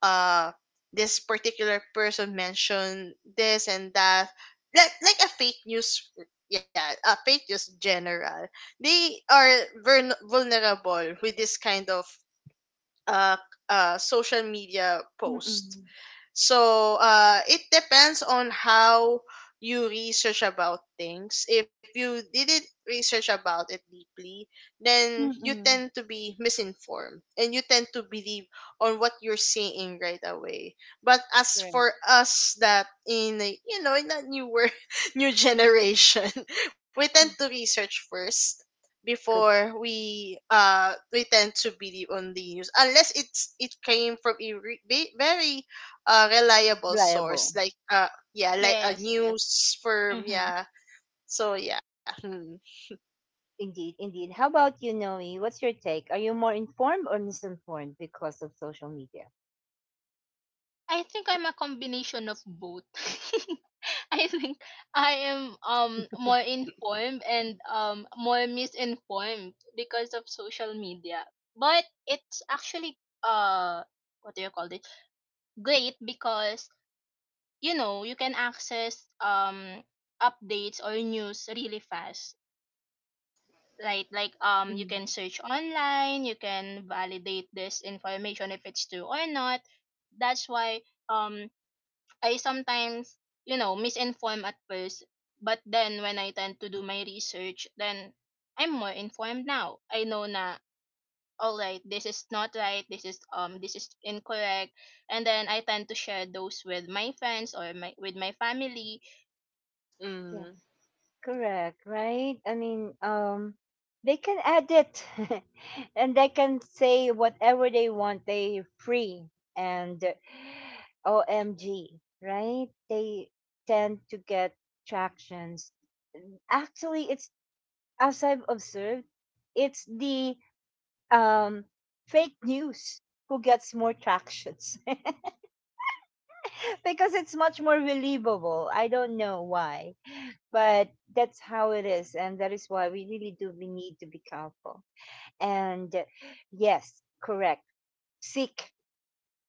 Speaker 2: uh this particular person mentioned this and that, like a fake news. Yeah, a fake news general. They are vulnerable with this kind of uh social media post.
Speaker 1: Mm-mm.
Speaker 2: So it depends on how you research about things. If you didn't research about it deeply, then you
Speaker 1: Mm-mm.
Speaker 2: tend to be misinformed and you tend to believe on what you're seeing right away. But as
Speaker 1: Right.
Speaker 2: for us that in a, you know in that new world, new generation, we tend to research first,
Speaker 1: Good.
Speaker 2: before we tend to believe on the news, unless it came from a very a reliable source,
Speaker 1: Reliable.
Speaker 2: like yeah, like a
Speaker 3: Yes, yes.
Speaker 2: news firm.
Speaker 3: Mhm.
Speaker 2: Yeah. So yeah. Hmm.
Speaker 1: Indeed, indeed. How about you, Noe? What's your take? Are you more informed or misinformed because of social media?
Speaker 3: I think I'm a combination of both. I think I am more informed and more misinformed because of social media. But it's actually uh what do you call it? Great, because, you can access updates or news really fast. Right, like, you
Speaker 1: Hmm.
Speaker 3: can search online, you can validate this information if it's true or not. That's why um I sometimes, misinform at first, but then when I tend to do my research, then I'm more informed now. I know na, all right, this is not right, this is, this is incorrect, and then I tend to share those with my friends, or my with my family.
Speaker 1: Yeah.
Speaker 2: Mm.
Speaker 1: Correct, right? I mean, they can edit and they can say whatever they want. They're free and OMG, right? They tend to get tractions. Mm, actually, it's, as I've observed, it's the um, fake news who gets more tractions because it's much more believable. I don't know why, but that's how it is, and that is why we really do we need to be careful. And yes, correct. Seek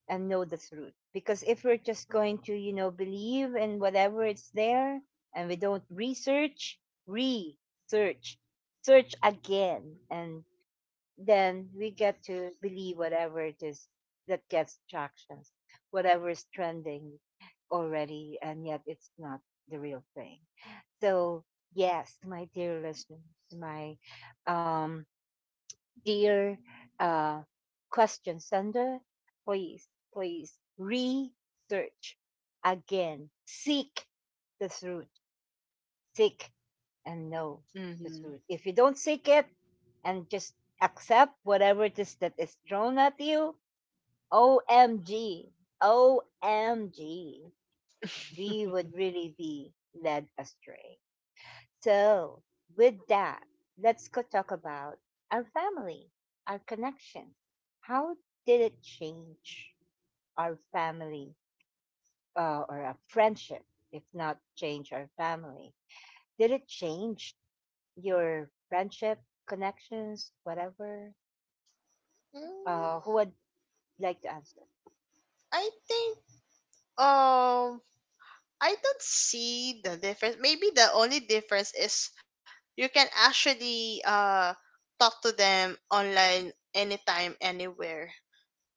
Speaker 1: and know the truth, because if we're just going to, you know, believe in whatever it's there, and we don't research, research, search again, and then we get to believe whatever it is that gets tractions, whatever is trending already, and yet it's not the real thing. So, yes, my dear listeners, my um, dear uh, question sender, please, please research again, seek the truth, seek and know the
Speaker 2: Mm-hmm.
Speaker 1: truth. If you don't seek it, and just accept whatever it is that is thrown at you. OMG. OMG. We would really be led astray. So, with that, let's go talk about our family, our connections. How did it change our family or our friendship, if not change our family? Did it change your friendship, connections, whatever? Who
Speaker 2: Mm,
Speaker 1: had You'd like to answer.
Speaker 2: I think, um I don't see the difference. Maybe the only difference is, you can actually talk to them online anytime, anywhere,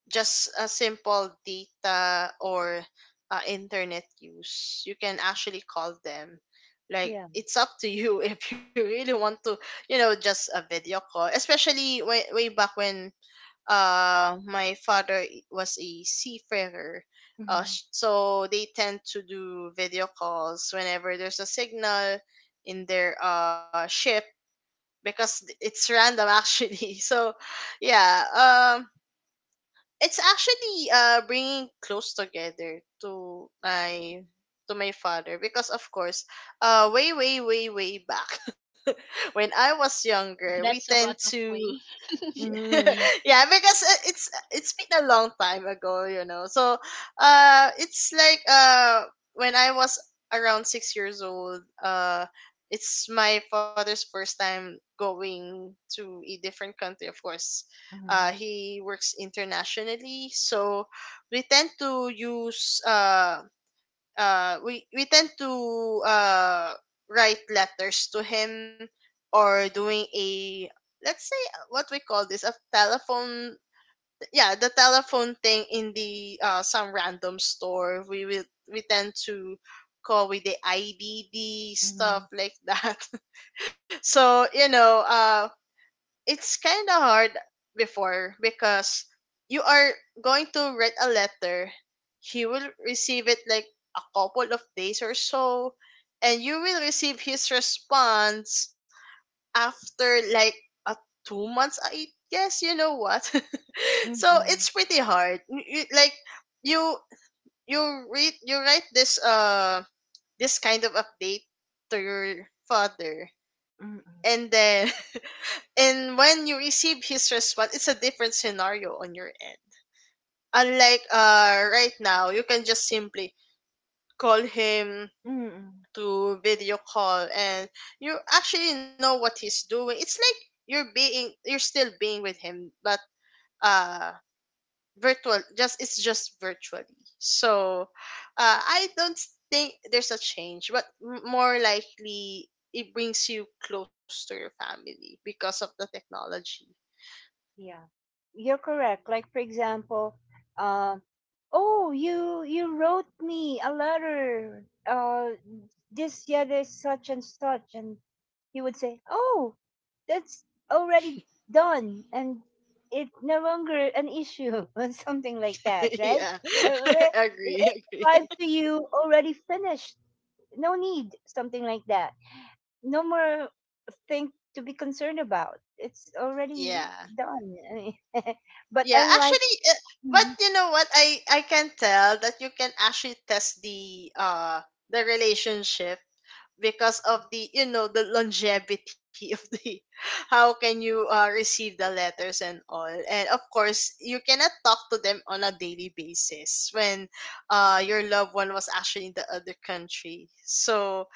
Speaker 2: just a simple data or internet use, you can actually call them, like,
Speaker 1: Yeah.
Speaker 2: it's up to you if you really want to, just a video call, especially way, way back when my father was a seafarer. uh,
Speaker 1: Mm-hmm.
Speaker 2: sh- so they tend to do video calls whenever there's a signal in their ship, because it's random actually. So yeah, it's actually bringing close together to my father, because of course, way, way, way, way back when I was younger, we
Speaker 3: That's a
Speaker 2: tend
Speaker 3: lot of
Speaker 2: to.
Speaker 3: way.
Speaker 1: Mm-hmm.
Speaker 2: Yeah, because it's been a long time ago, you know. So it's like, when I was around 6 years old, it's my father's first time going to a different country, of course.
Speaker 1: Mm-hmm.
Speaker 2: He works internationally, so we tend to use uh we tend to write letters to him, or doing a, let's say, what we call this, a telephone. Yeah, the telephone thing in the some random store, we will we tend to call with the IDD,
Speaker 1: Mm-hmm.
Speaker 2: stuff like that. So, you know, it's kind of hard before, because you are going to write a letter, he will receive it like a couple of days or so, and you will receive his response after like a 2 months, I guess, you know what. So
Speaker 1: Mm-hmm.
Speaker 2: it's pretty hard. You you you write this this kind of update to your father.
Speaker 1: Mm-hmm.
Speaker 2: And then and when you receive his response, it's a different scenario on your end. Unlike right now, you can just simply call him
Speaker 1: Mm-hmm.
Speaker 2: to video call, and you actually know what he's doing. It's like you're still being with him, but uh virtual just it's just virtually. So I don't think there's a change, but more likely it brings you close to your family because of the technology.
Speaker 1: Yeah. You're correct. Like for example, uh, oh, you wrote me a letter. This, yeah, there's such and such, and he would say, oh, that's already done, and it's no longer an issue, or something like that, right?
Speaker 2: Yeah.
Speaker 1: Uh,
Speaker 2: Agree,
Speaker 1: it
Speaker 2: agree.
Speaker 1: arrived to you already finished, no need, something like that, no more thing to be concerned about, it's already
Speaker 2: Yeah.
Speaker 1: done, I mean, but
Speaker 2: Yeah,
Speaker 1: unlike
Speaker 2: actually, but
Speaker 1: Mhm,
Speaker 2: you know what? I can tell that you can actually test the relationship, because of the, you know, the longevity of the how can you receive the letters and all. And of course, you cannot talk to them on a daily basis when your loved one was actually in the other country. So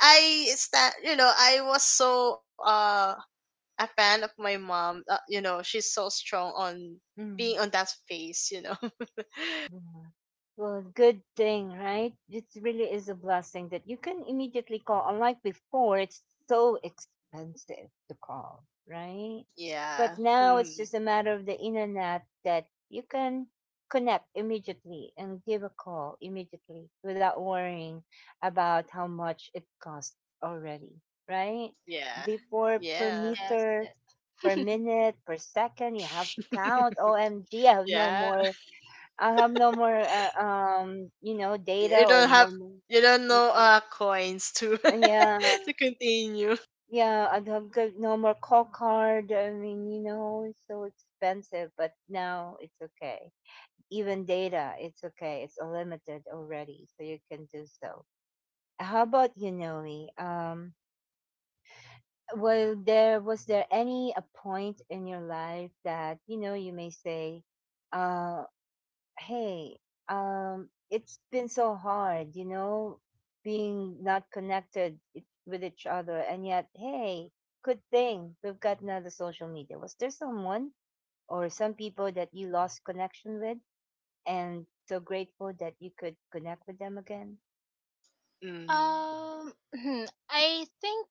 Speaker 2: I sta- you know I was so a fan of my mom. You know, she's so strong on being
Speaker 1: mhm.
Speaker 2: on that space. You know,
Speaker 1: Yeah. Well, good thing, right? It really is a blessing that you can immediately call. Unlike before, it's so expensive to call, right? But
Speaker 2: yeah.
Speaker 1: now it's
Speaker 2: Mhm.
Speaker 1: just a matter of the internet that you can connect immediately and give a call immediately without worrying about how much it costs already, right?
Speaker 2: Yeah,
Speaker 1: Before per
Speaker 2: yeah.
Speaker 3: Yes,
Speaker 1: meter, per
Speaker 3: yes.
Speaker 1: minute, per second, you have to count. OMG, I have no
Speaker 2: Yeah.
Speaker 1: more, I'll have no more, you know,
Speaker 2: You
Speaker 1: data or
Speaker 2: don't
Speaker 1: no
Speaker 2: have,
Speaker 1: more.
Speaker 2: you don't know
Speaker 1: Mm-mm.
Speaker 2: coins to
Speaker 1: Yeah,
Speaker 2: to continue.
Speaker 1: yeah, I'd have good, no more call card. I mean, you know, it's so expensive, but now it's okay. Even data, it's okay. It's unlimited already, so you can do so. How about you, Noe? Well, there was there any a point in your life that you know you may say, uh, hey, it's been so hard, you know, being not connected with each other. And yet, hey, good thing we've got another social media. Was there someone or some people that you lost connection with and so grateful that you could connect with them again?
Speaker 2: Mm-hmm.
Speaker 3: I think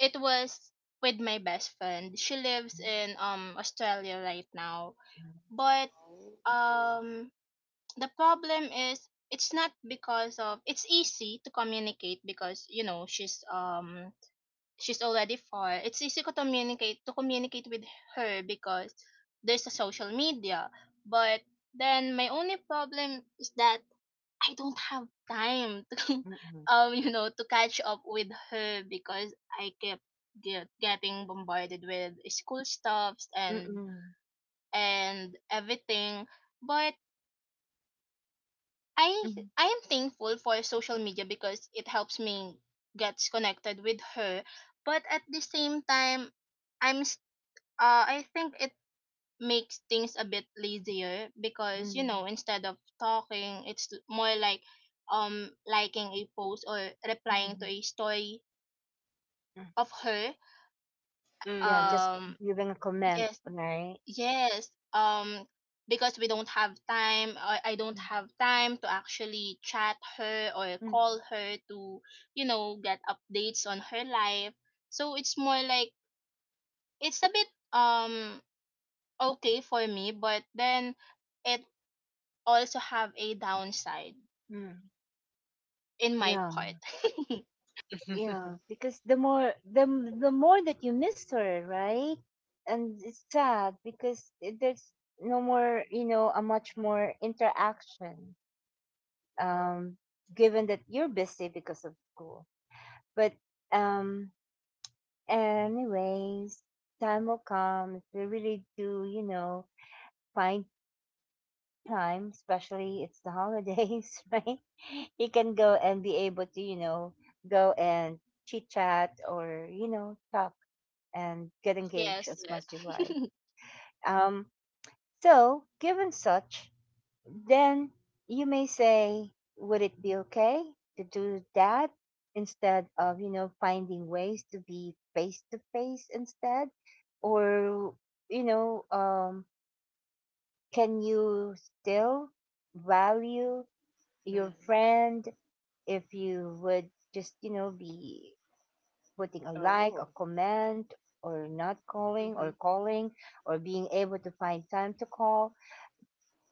Speaker 3: it was with my best friend. She lives in Australia right now. But
Speaker 2: Oh.
Speaker 3: um the problem is, it's not because of it's easy to communicate, because, she's already far, it's easy to communicate with her because there's a social media. But then my only problem is that I don't have time to
Speaker 1: Mm-mm,
Speaker 3: um you know to catch up with her, because I kept getting bombarded with school stuffs, and
Speaker 1: mm-mm,
Speaker 3: and everything. But I
Speaker 1: mm-mm,
Speaker 3: I am thankful for social media, because it helps me gets connected with her. But at the same time, I'm s- I think it makes things a bit lazier, because,
Speaker 1: mm-mm,
Speaker 3: instead of talking, it's more like, liking a post or
Speaker 1: mm-mm,
Speaker 3: replying to
Speaker 1: mm.
Speaker 3: a story of her.
Speaker 1: Yeah,
Speaker 2: Mm-hmm.
Speaker 1: just
Speaker 3: um
Speaker 1: giving a comment,
Speaker 3: yes.
Speaker 1: right?
Speaker 3: Yes, because we don't have time, I don't
Speaker 1: Mm,
Speaker 3: have time to actually chat her or
Speaker 1: mm,
Speaker 3: call her to, get updates on her life. So it's more like it's a bit um okay for me, but then it also have a downside
Speaker 1: mm.
Speaker 3: in my
Speaker 1: Yeah.
Speaker 3: part.
Speaker 1: Yeah, because the more that you miss her, right? And it's sad because there's no more, you know, a much more interaction. Um, given that you're busy because of school, but um, anyways, time will come if we really do, you know, find time. Especially it's the holidays, right? You can go and be able to, you know, go and chit chat or, you know, talk and get engaged
Speaker 3: Yes,
Speaker 1: as much you like.
Speaker 3: yes.
Speaker 1: Um, so, given such, then you may say, would it be okay to do that instead of, you know, finding ways to be face to face instead? Or, you know, can you still value your friend if you would just, you know, be putting a like, a
Speaker 2: Oh.
Speaker 1: comment, or not
Speaker 2: Mm-hmm.
Speaker 1: calling, or calling, or being able to find time to call?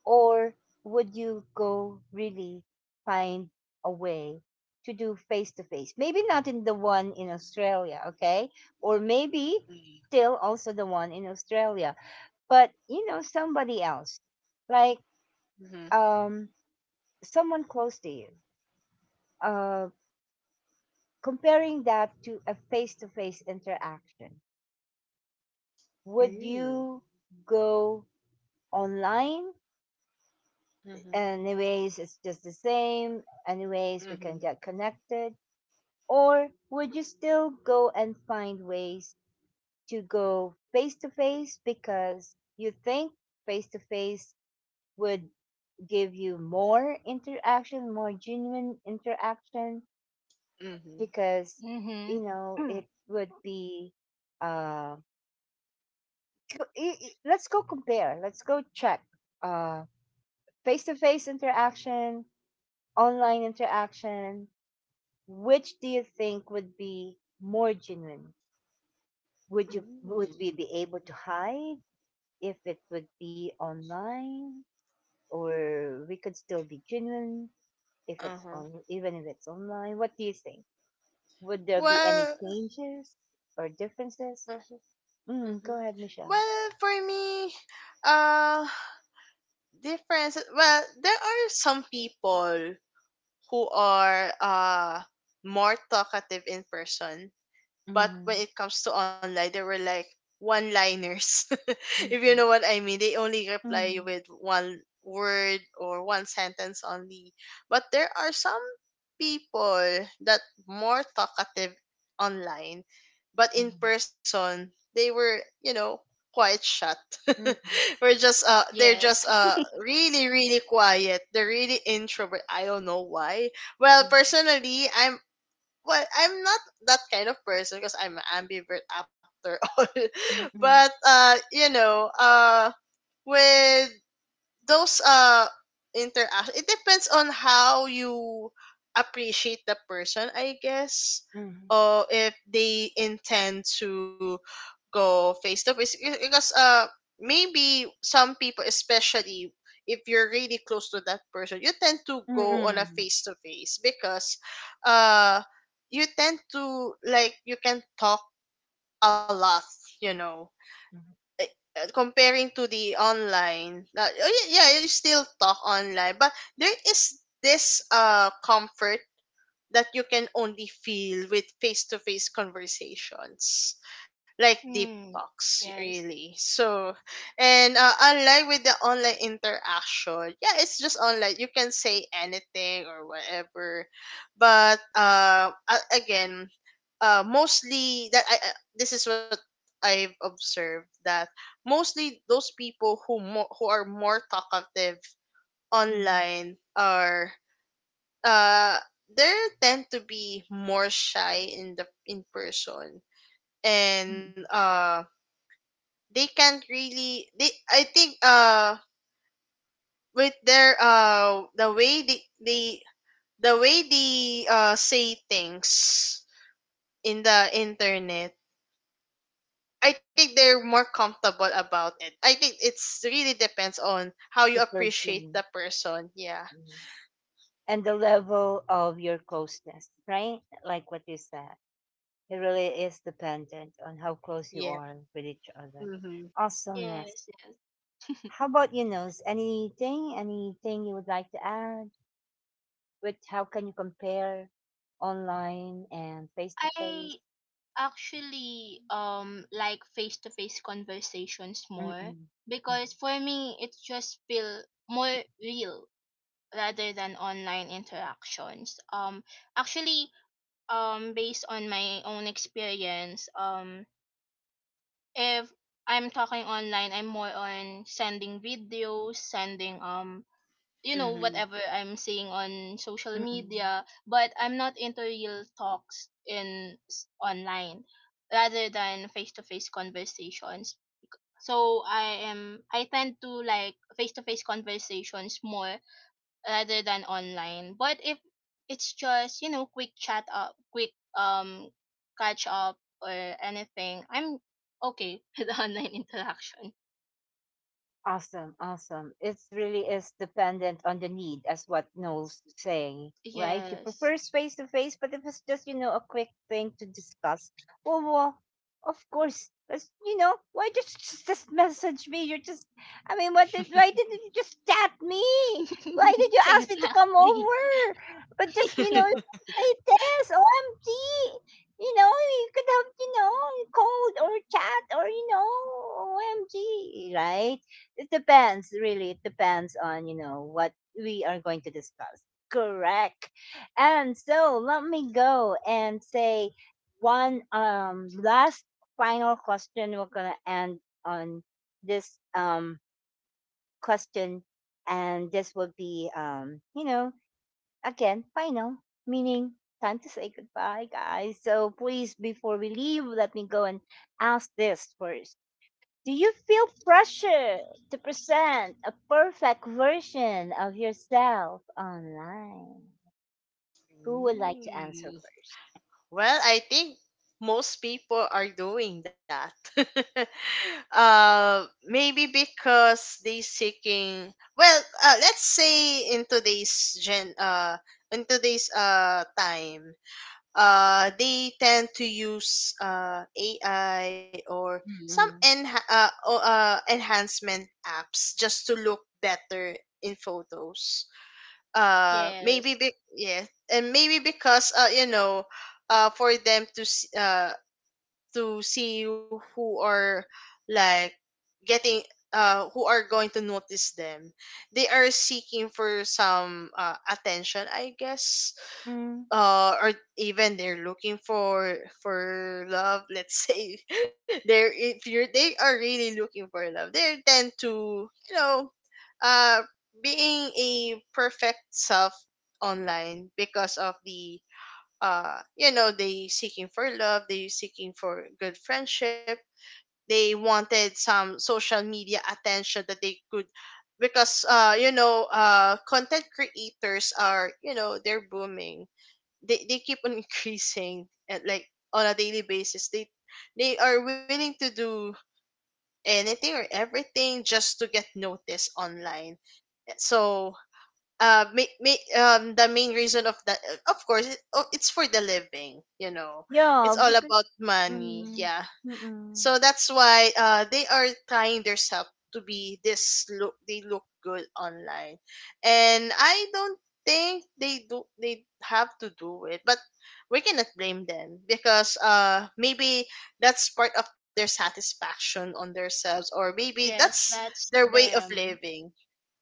Speaker 1: Or would you go really find a way to do face to face? Maybe not in the one in Australia, okay? Or maybe still also the one in Australia, but you know, somebody else, like
Speaker 2: Mm-hmm.
Speaker 1: um, someone close to you. Uh, Comparing that to a face to face interaction, would
Speaker 2: Mm.
Speaker 1: you go online?
Speaker 2: Mm-hmm.
Speaker 1: Anyways, it's just the same. Anyways,
Speaker 2: Mm-hmm. Mm-hmm. Mm. Oh. Mm hmm.
Speaker 1: we
Speaker 2: Mm hmm. Mm. Mm
Speaker 1: can
Speaker 2: hmm.
Speaker 1: get connected. Or would you still go and find ways to go face to face because you think face to face would give you more interaction, more genuine interaction,
Speaker 2: Mm hmm. Mm hmm.
Speaker 1: because you
Speaker 3: Mhm.
Speaker 1: know it would be uh let's go compare, let's go check uh face to face interaction, online interaction, which do you think would be more genuine? Would you
Speaker 2: Mm.
Speaker 1: would we be able to hide if it would be online, or we could still be genuine if it's
Speaker 2: Uh huh.
Speaker 1: on, even if it's online? What do you think? Would there be any
Speaker 2: Well.
Speaker 1: changes or differences? Mm,
Speaker 2: Mhm.
Speaker 1: go ahead, Michelle.
Speaker 2: Well, for me, uh, difference. Well, there are some people who are more talkative in person, but
Speaker 1: Mm,
Speaker 2: when it comes to online, they were like one-liners. If you know
Speaker 1: mm,
Speaker 2: what I mean, they only reply you
Speaker 1: mm,
Speaker 2: with one word or one sentence only. But there are some people that more talkative online, but in person they were, you know, quite shut.
Speaker 1: mm, mm,
Speaker 2: we're just they're just
Speaker 3: Yes.
Speaker 2: really really quiet. They're really introvert. I don't know why. Well,
Speaker 1: mm,
Speaker 2: personally, I'm not that kind of person, because I'm an ambivert after all.
Speaker 1: mm,
Speaker 2: but
Speaker 1: mm,
Speaker 2: uh, you know, with those interaction, it depends on how you appreciate the person, I guess,
Speaker 1: mm, mm, mm,
Speaker 2: or if they intend to go face to face. Because maybe some people, especially if you're really close to that person, you tend to
Speaker 1: mm,
Speaker 2: go on a
Speaker 1: mm,
Speaker 2: face to face, because uh you tend to, like, you can talk a lot, you know.
Speaker 1: mm,
Speaker 2: uh, comparing to the online, oh, yeah, yeah, you still talk online, but there is this comfort that you can only feel with face to face conversations, like deep
Speaker 3: Mm,
Speaker 2: talks,
Speaker 3: yes.
Speaker 2: really. So, and unlike with the online interaction, yeah, it's just online. You can say anything or whatever, but again, mostly that this is what I've observed, that mostly those people who who are more talkative
Speaker 1: mm,
Speaker 2: online are uh they tend to be more shy in the in person. And
Speaker 1: mm.
Speaker 2: they can't really they I think, with their, the way they the way they say things in the internet, I think they're more comfortable about it. I think it's really depends on how
Speaker 1: The
Speaker 2: you appreciate
Speaker 1: person.
Speaker 2: the person. Yeah.
Speaker 1: Mhm. And the level of your closeness, right? Like what you said, it really is dependent on how close you
Speaker 2: Yeah.
Speaker 1: are with each other.
Speaker 2: Mm-hmm.
Speaker 1: Awesomeness.
Speaker 3: Yes, yes.
Speaker 1: How about you, Nose? Anything, anything you would like to add? With how can you compare online and face to face?
Speaker 3: I actually like face to face conversations more,
Speaker 1: Mm-mm.
Speaker 3: because for me, it just feel more real rather than online interactions. Actually, based on my own experience, if I'm talking online, I'm more on sending videos, sending,
Speaker 2: Mm-hmm.
Speaker 3: whatever I'm seeing on social
Speaker 1: Mm-mm.
Speaker 3: media, but I'm not into real talks online rather than face to face conversations. So I tend to like face to face conversations more rather than online. But if it's just, quick chat up, quick um catch up or anything, I'm okay with online interaction.
Speaker 1: Awesome, awesome. It really is dependent on the need, as what Noel's saying, right? You prefer
Speaker 3: Yes.
Speaker 1: face to face, but if it's just, you know, a quick thing to discuss, oh, well, of course. That's, you know, why just message me? You're just, I mean, what did, why didn't you just chat me? Why did you ask me to come
Speaker 3: Exactly.
Speaker 1: over? But just,
Speaker 2: Mm
Speaker 1: you know,
Speaker 2: hmm.
Speaker 1: say this, OMG. You know, you could have, you know, called or chat or, you know, OMG, right? It depends, really. It depends on, you know, what we are going to discuss. Correct. And so let me go and say one last final question. We're gonna end on this question, and this will be you know, again, final, meaning time to say goodbye, guys. So please before we leave, let me go and ask this first, do you feel pressure to present a perfect version of yourself online?
Speaker 2: Mm
Speaker 1: Who would like to answer
Speaker 2: hmm.
Speaker 1: first?
Speaker 2: Well, I think most people are doing that. Maybe because they seeking. Well, let's say in today's time, they tend to use AI or some
Speaker 1: Mm-mm.
Speaker 2: enhancement apps just to look better in photos,
Speaker 3: Yes,
Speaker 2: yeah. And maybe because you know, for them to to see who are like getting, who are going to notice them. They are seeking for some attention, I guess,
Speaker 1: Mm,
Speaker 2: or even they're looking for love, let's say. they're if you're they are really looking for love. They tend to, you know, uh being a perfect self online, because of the, you know, they seeking for love, they seeking for good friendship. They wanted some social media attention that they could. Because you know, content creators are, you know, they're booming. They keep on increasing at like on a daily basis. They are willing to do anything or everything just to get noticed online. So the main reason of that, of course, it's for the living, you know.
Speaker 1: yeah,
Speaker 2: It's all
Speaker 1: because
Speaker 2: about money,
Speaker 1: mm,
Speaker 2: yeah.
Speaker 1: mm-mm.
Speaker 2: So that's why they are trying themselves to be this look. They look good online, and I don't think they do. They have to do it, but we cannot blame them, because maybe that's part of their satisfaction on themselves, or maybe
Speaker 3: yes,
Speaker 2: that's
Speaker 3: that's
Speaker 2: their way of
Speaker 3: them.
Speaker 2: living.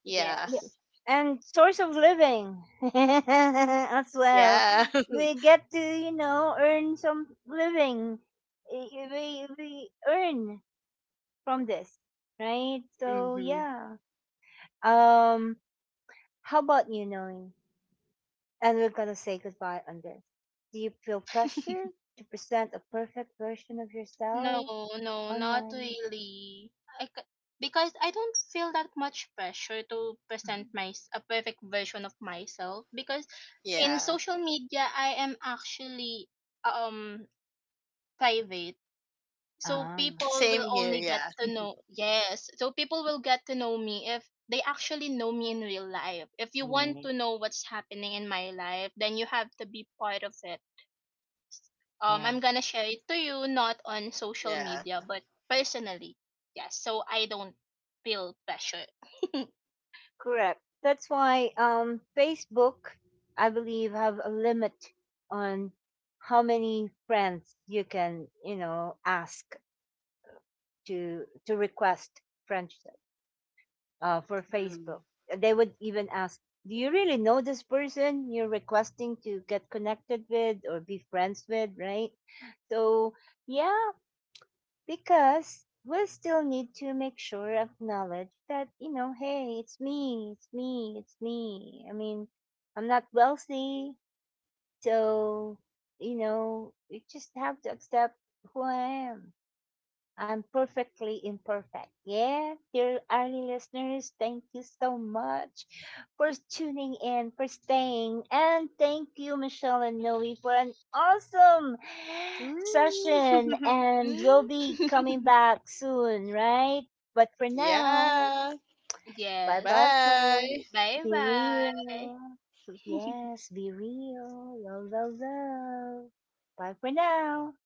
Speaker 2: Yeah,
Speaker 1: Yeah.
Speaker 3: Yes.
Speaker 1: And source of living as well.
Speaker 2: yeah.
Speaker 1: We get to, you know, earn some living. We earn from this, right? So
Speaker 2: Mm-hmm.
Speaker 1: yeah. Um, how about you, knowing? And we're gonna say goodbye on this. Do you feel pressure to present a perfect version of
Speaker 3: No,
Speaker 1: yourself
Speaker 3: no, not
Speaker 1: online?
Speaker 3: really. I c- because I don't feel that much pressure to
Speaker 1: Mhm.
Speaker 3: present my a perfect version of myself, because in
Speaker 2: Yeah.
Speaker 3: social media I am actually um private. So
Speaker 1: Ah,
Speaker 2: Same
Speaker 3: people will
Speaker 2: here.
Speaker 3: only
Speaker 2: Yeah.
Speaker 3: get to know. Yes. So people will get to know me if they actually know me in real life. If you want
Speaker 1: yeah,
Speaker 3: to know what's happening in my life, then you have to be part of it.
Speaker 1: yeah.
Speaker 3: I'm gonna share it to you not on social
Speaker 2: Yeah.
Speaker 3: media, but personally. Yes, so I don't feel pressure.
Speaker 1: Correct. That's why, Facebook, I believe, have a limit on how many friends you can, you know, ask to request friendship. Uh, for
Speaker 2: Mm.
Speaker 1: Facebook. They would even ask, "Do you really know this person you're requesting to get connected with or be friends with?" Right? So yeah, because we still need to make sure acknowledge that, you know, hey, it's me. I mean, I'm not wealthy, so you know, you just have to accept who I am. I'm perfectly imperfect. Yeah, dear early listeners, thank you so much for tuning in, for staying, and thank you, Michelle and Noe, for an awesome session.
Speaker 2: Mm.
Speaker 1: And we'll
Speaker 3: Mm.
Speaker 1: be coming back soon, right? But for now,
Speaker 2: Yeah.
Speaker 1: bye
Speaker 3: Yes.
Speaker 1: bye,
Speaker 2: Bye.
Speaker 1: folks.
Speaker 3: Bye
Speaker 1: Be
Speaker 3: bye.
Speaker 1: real. Yes, be real. Love, love, love. Bye for now.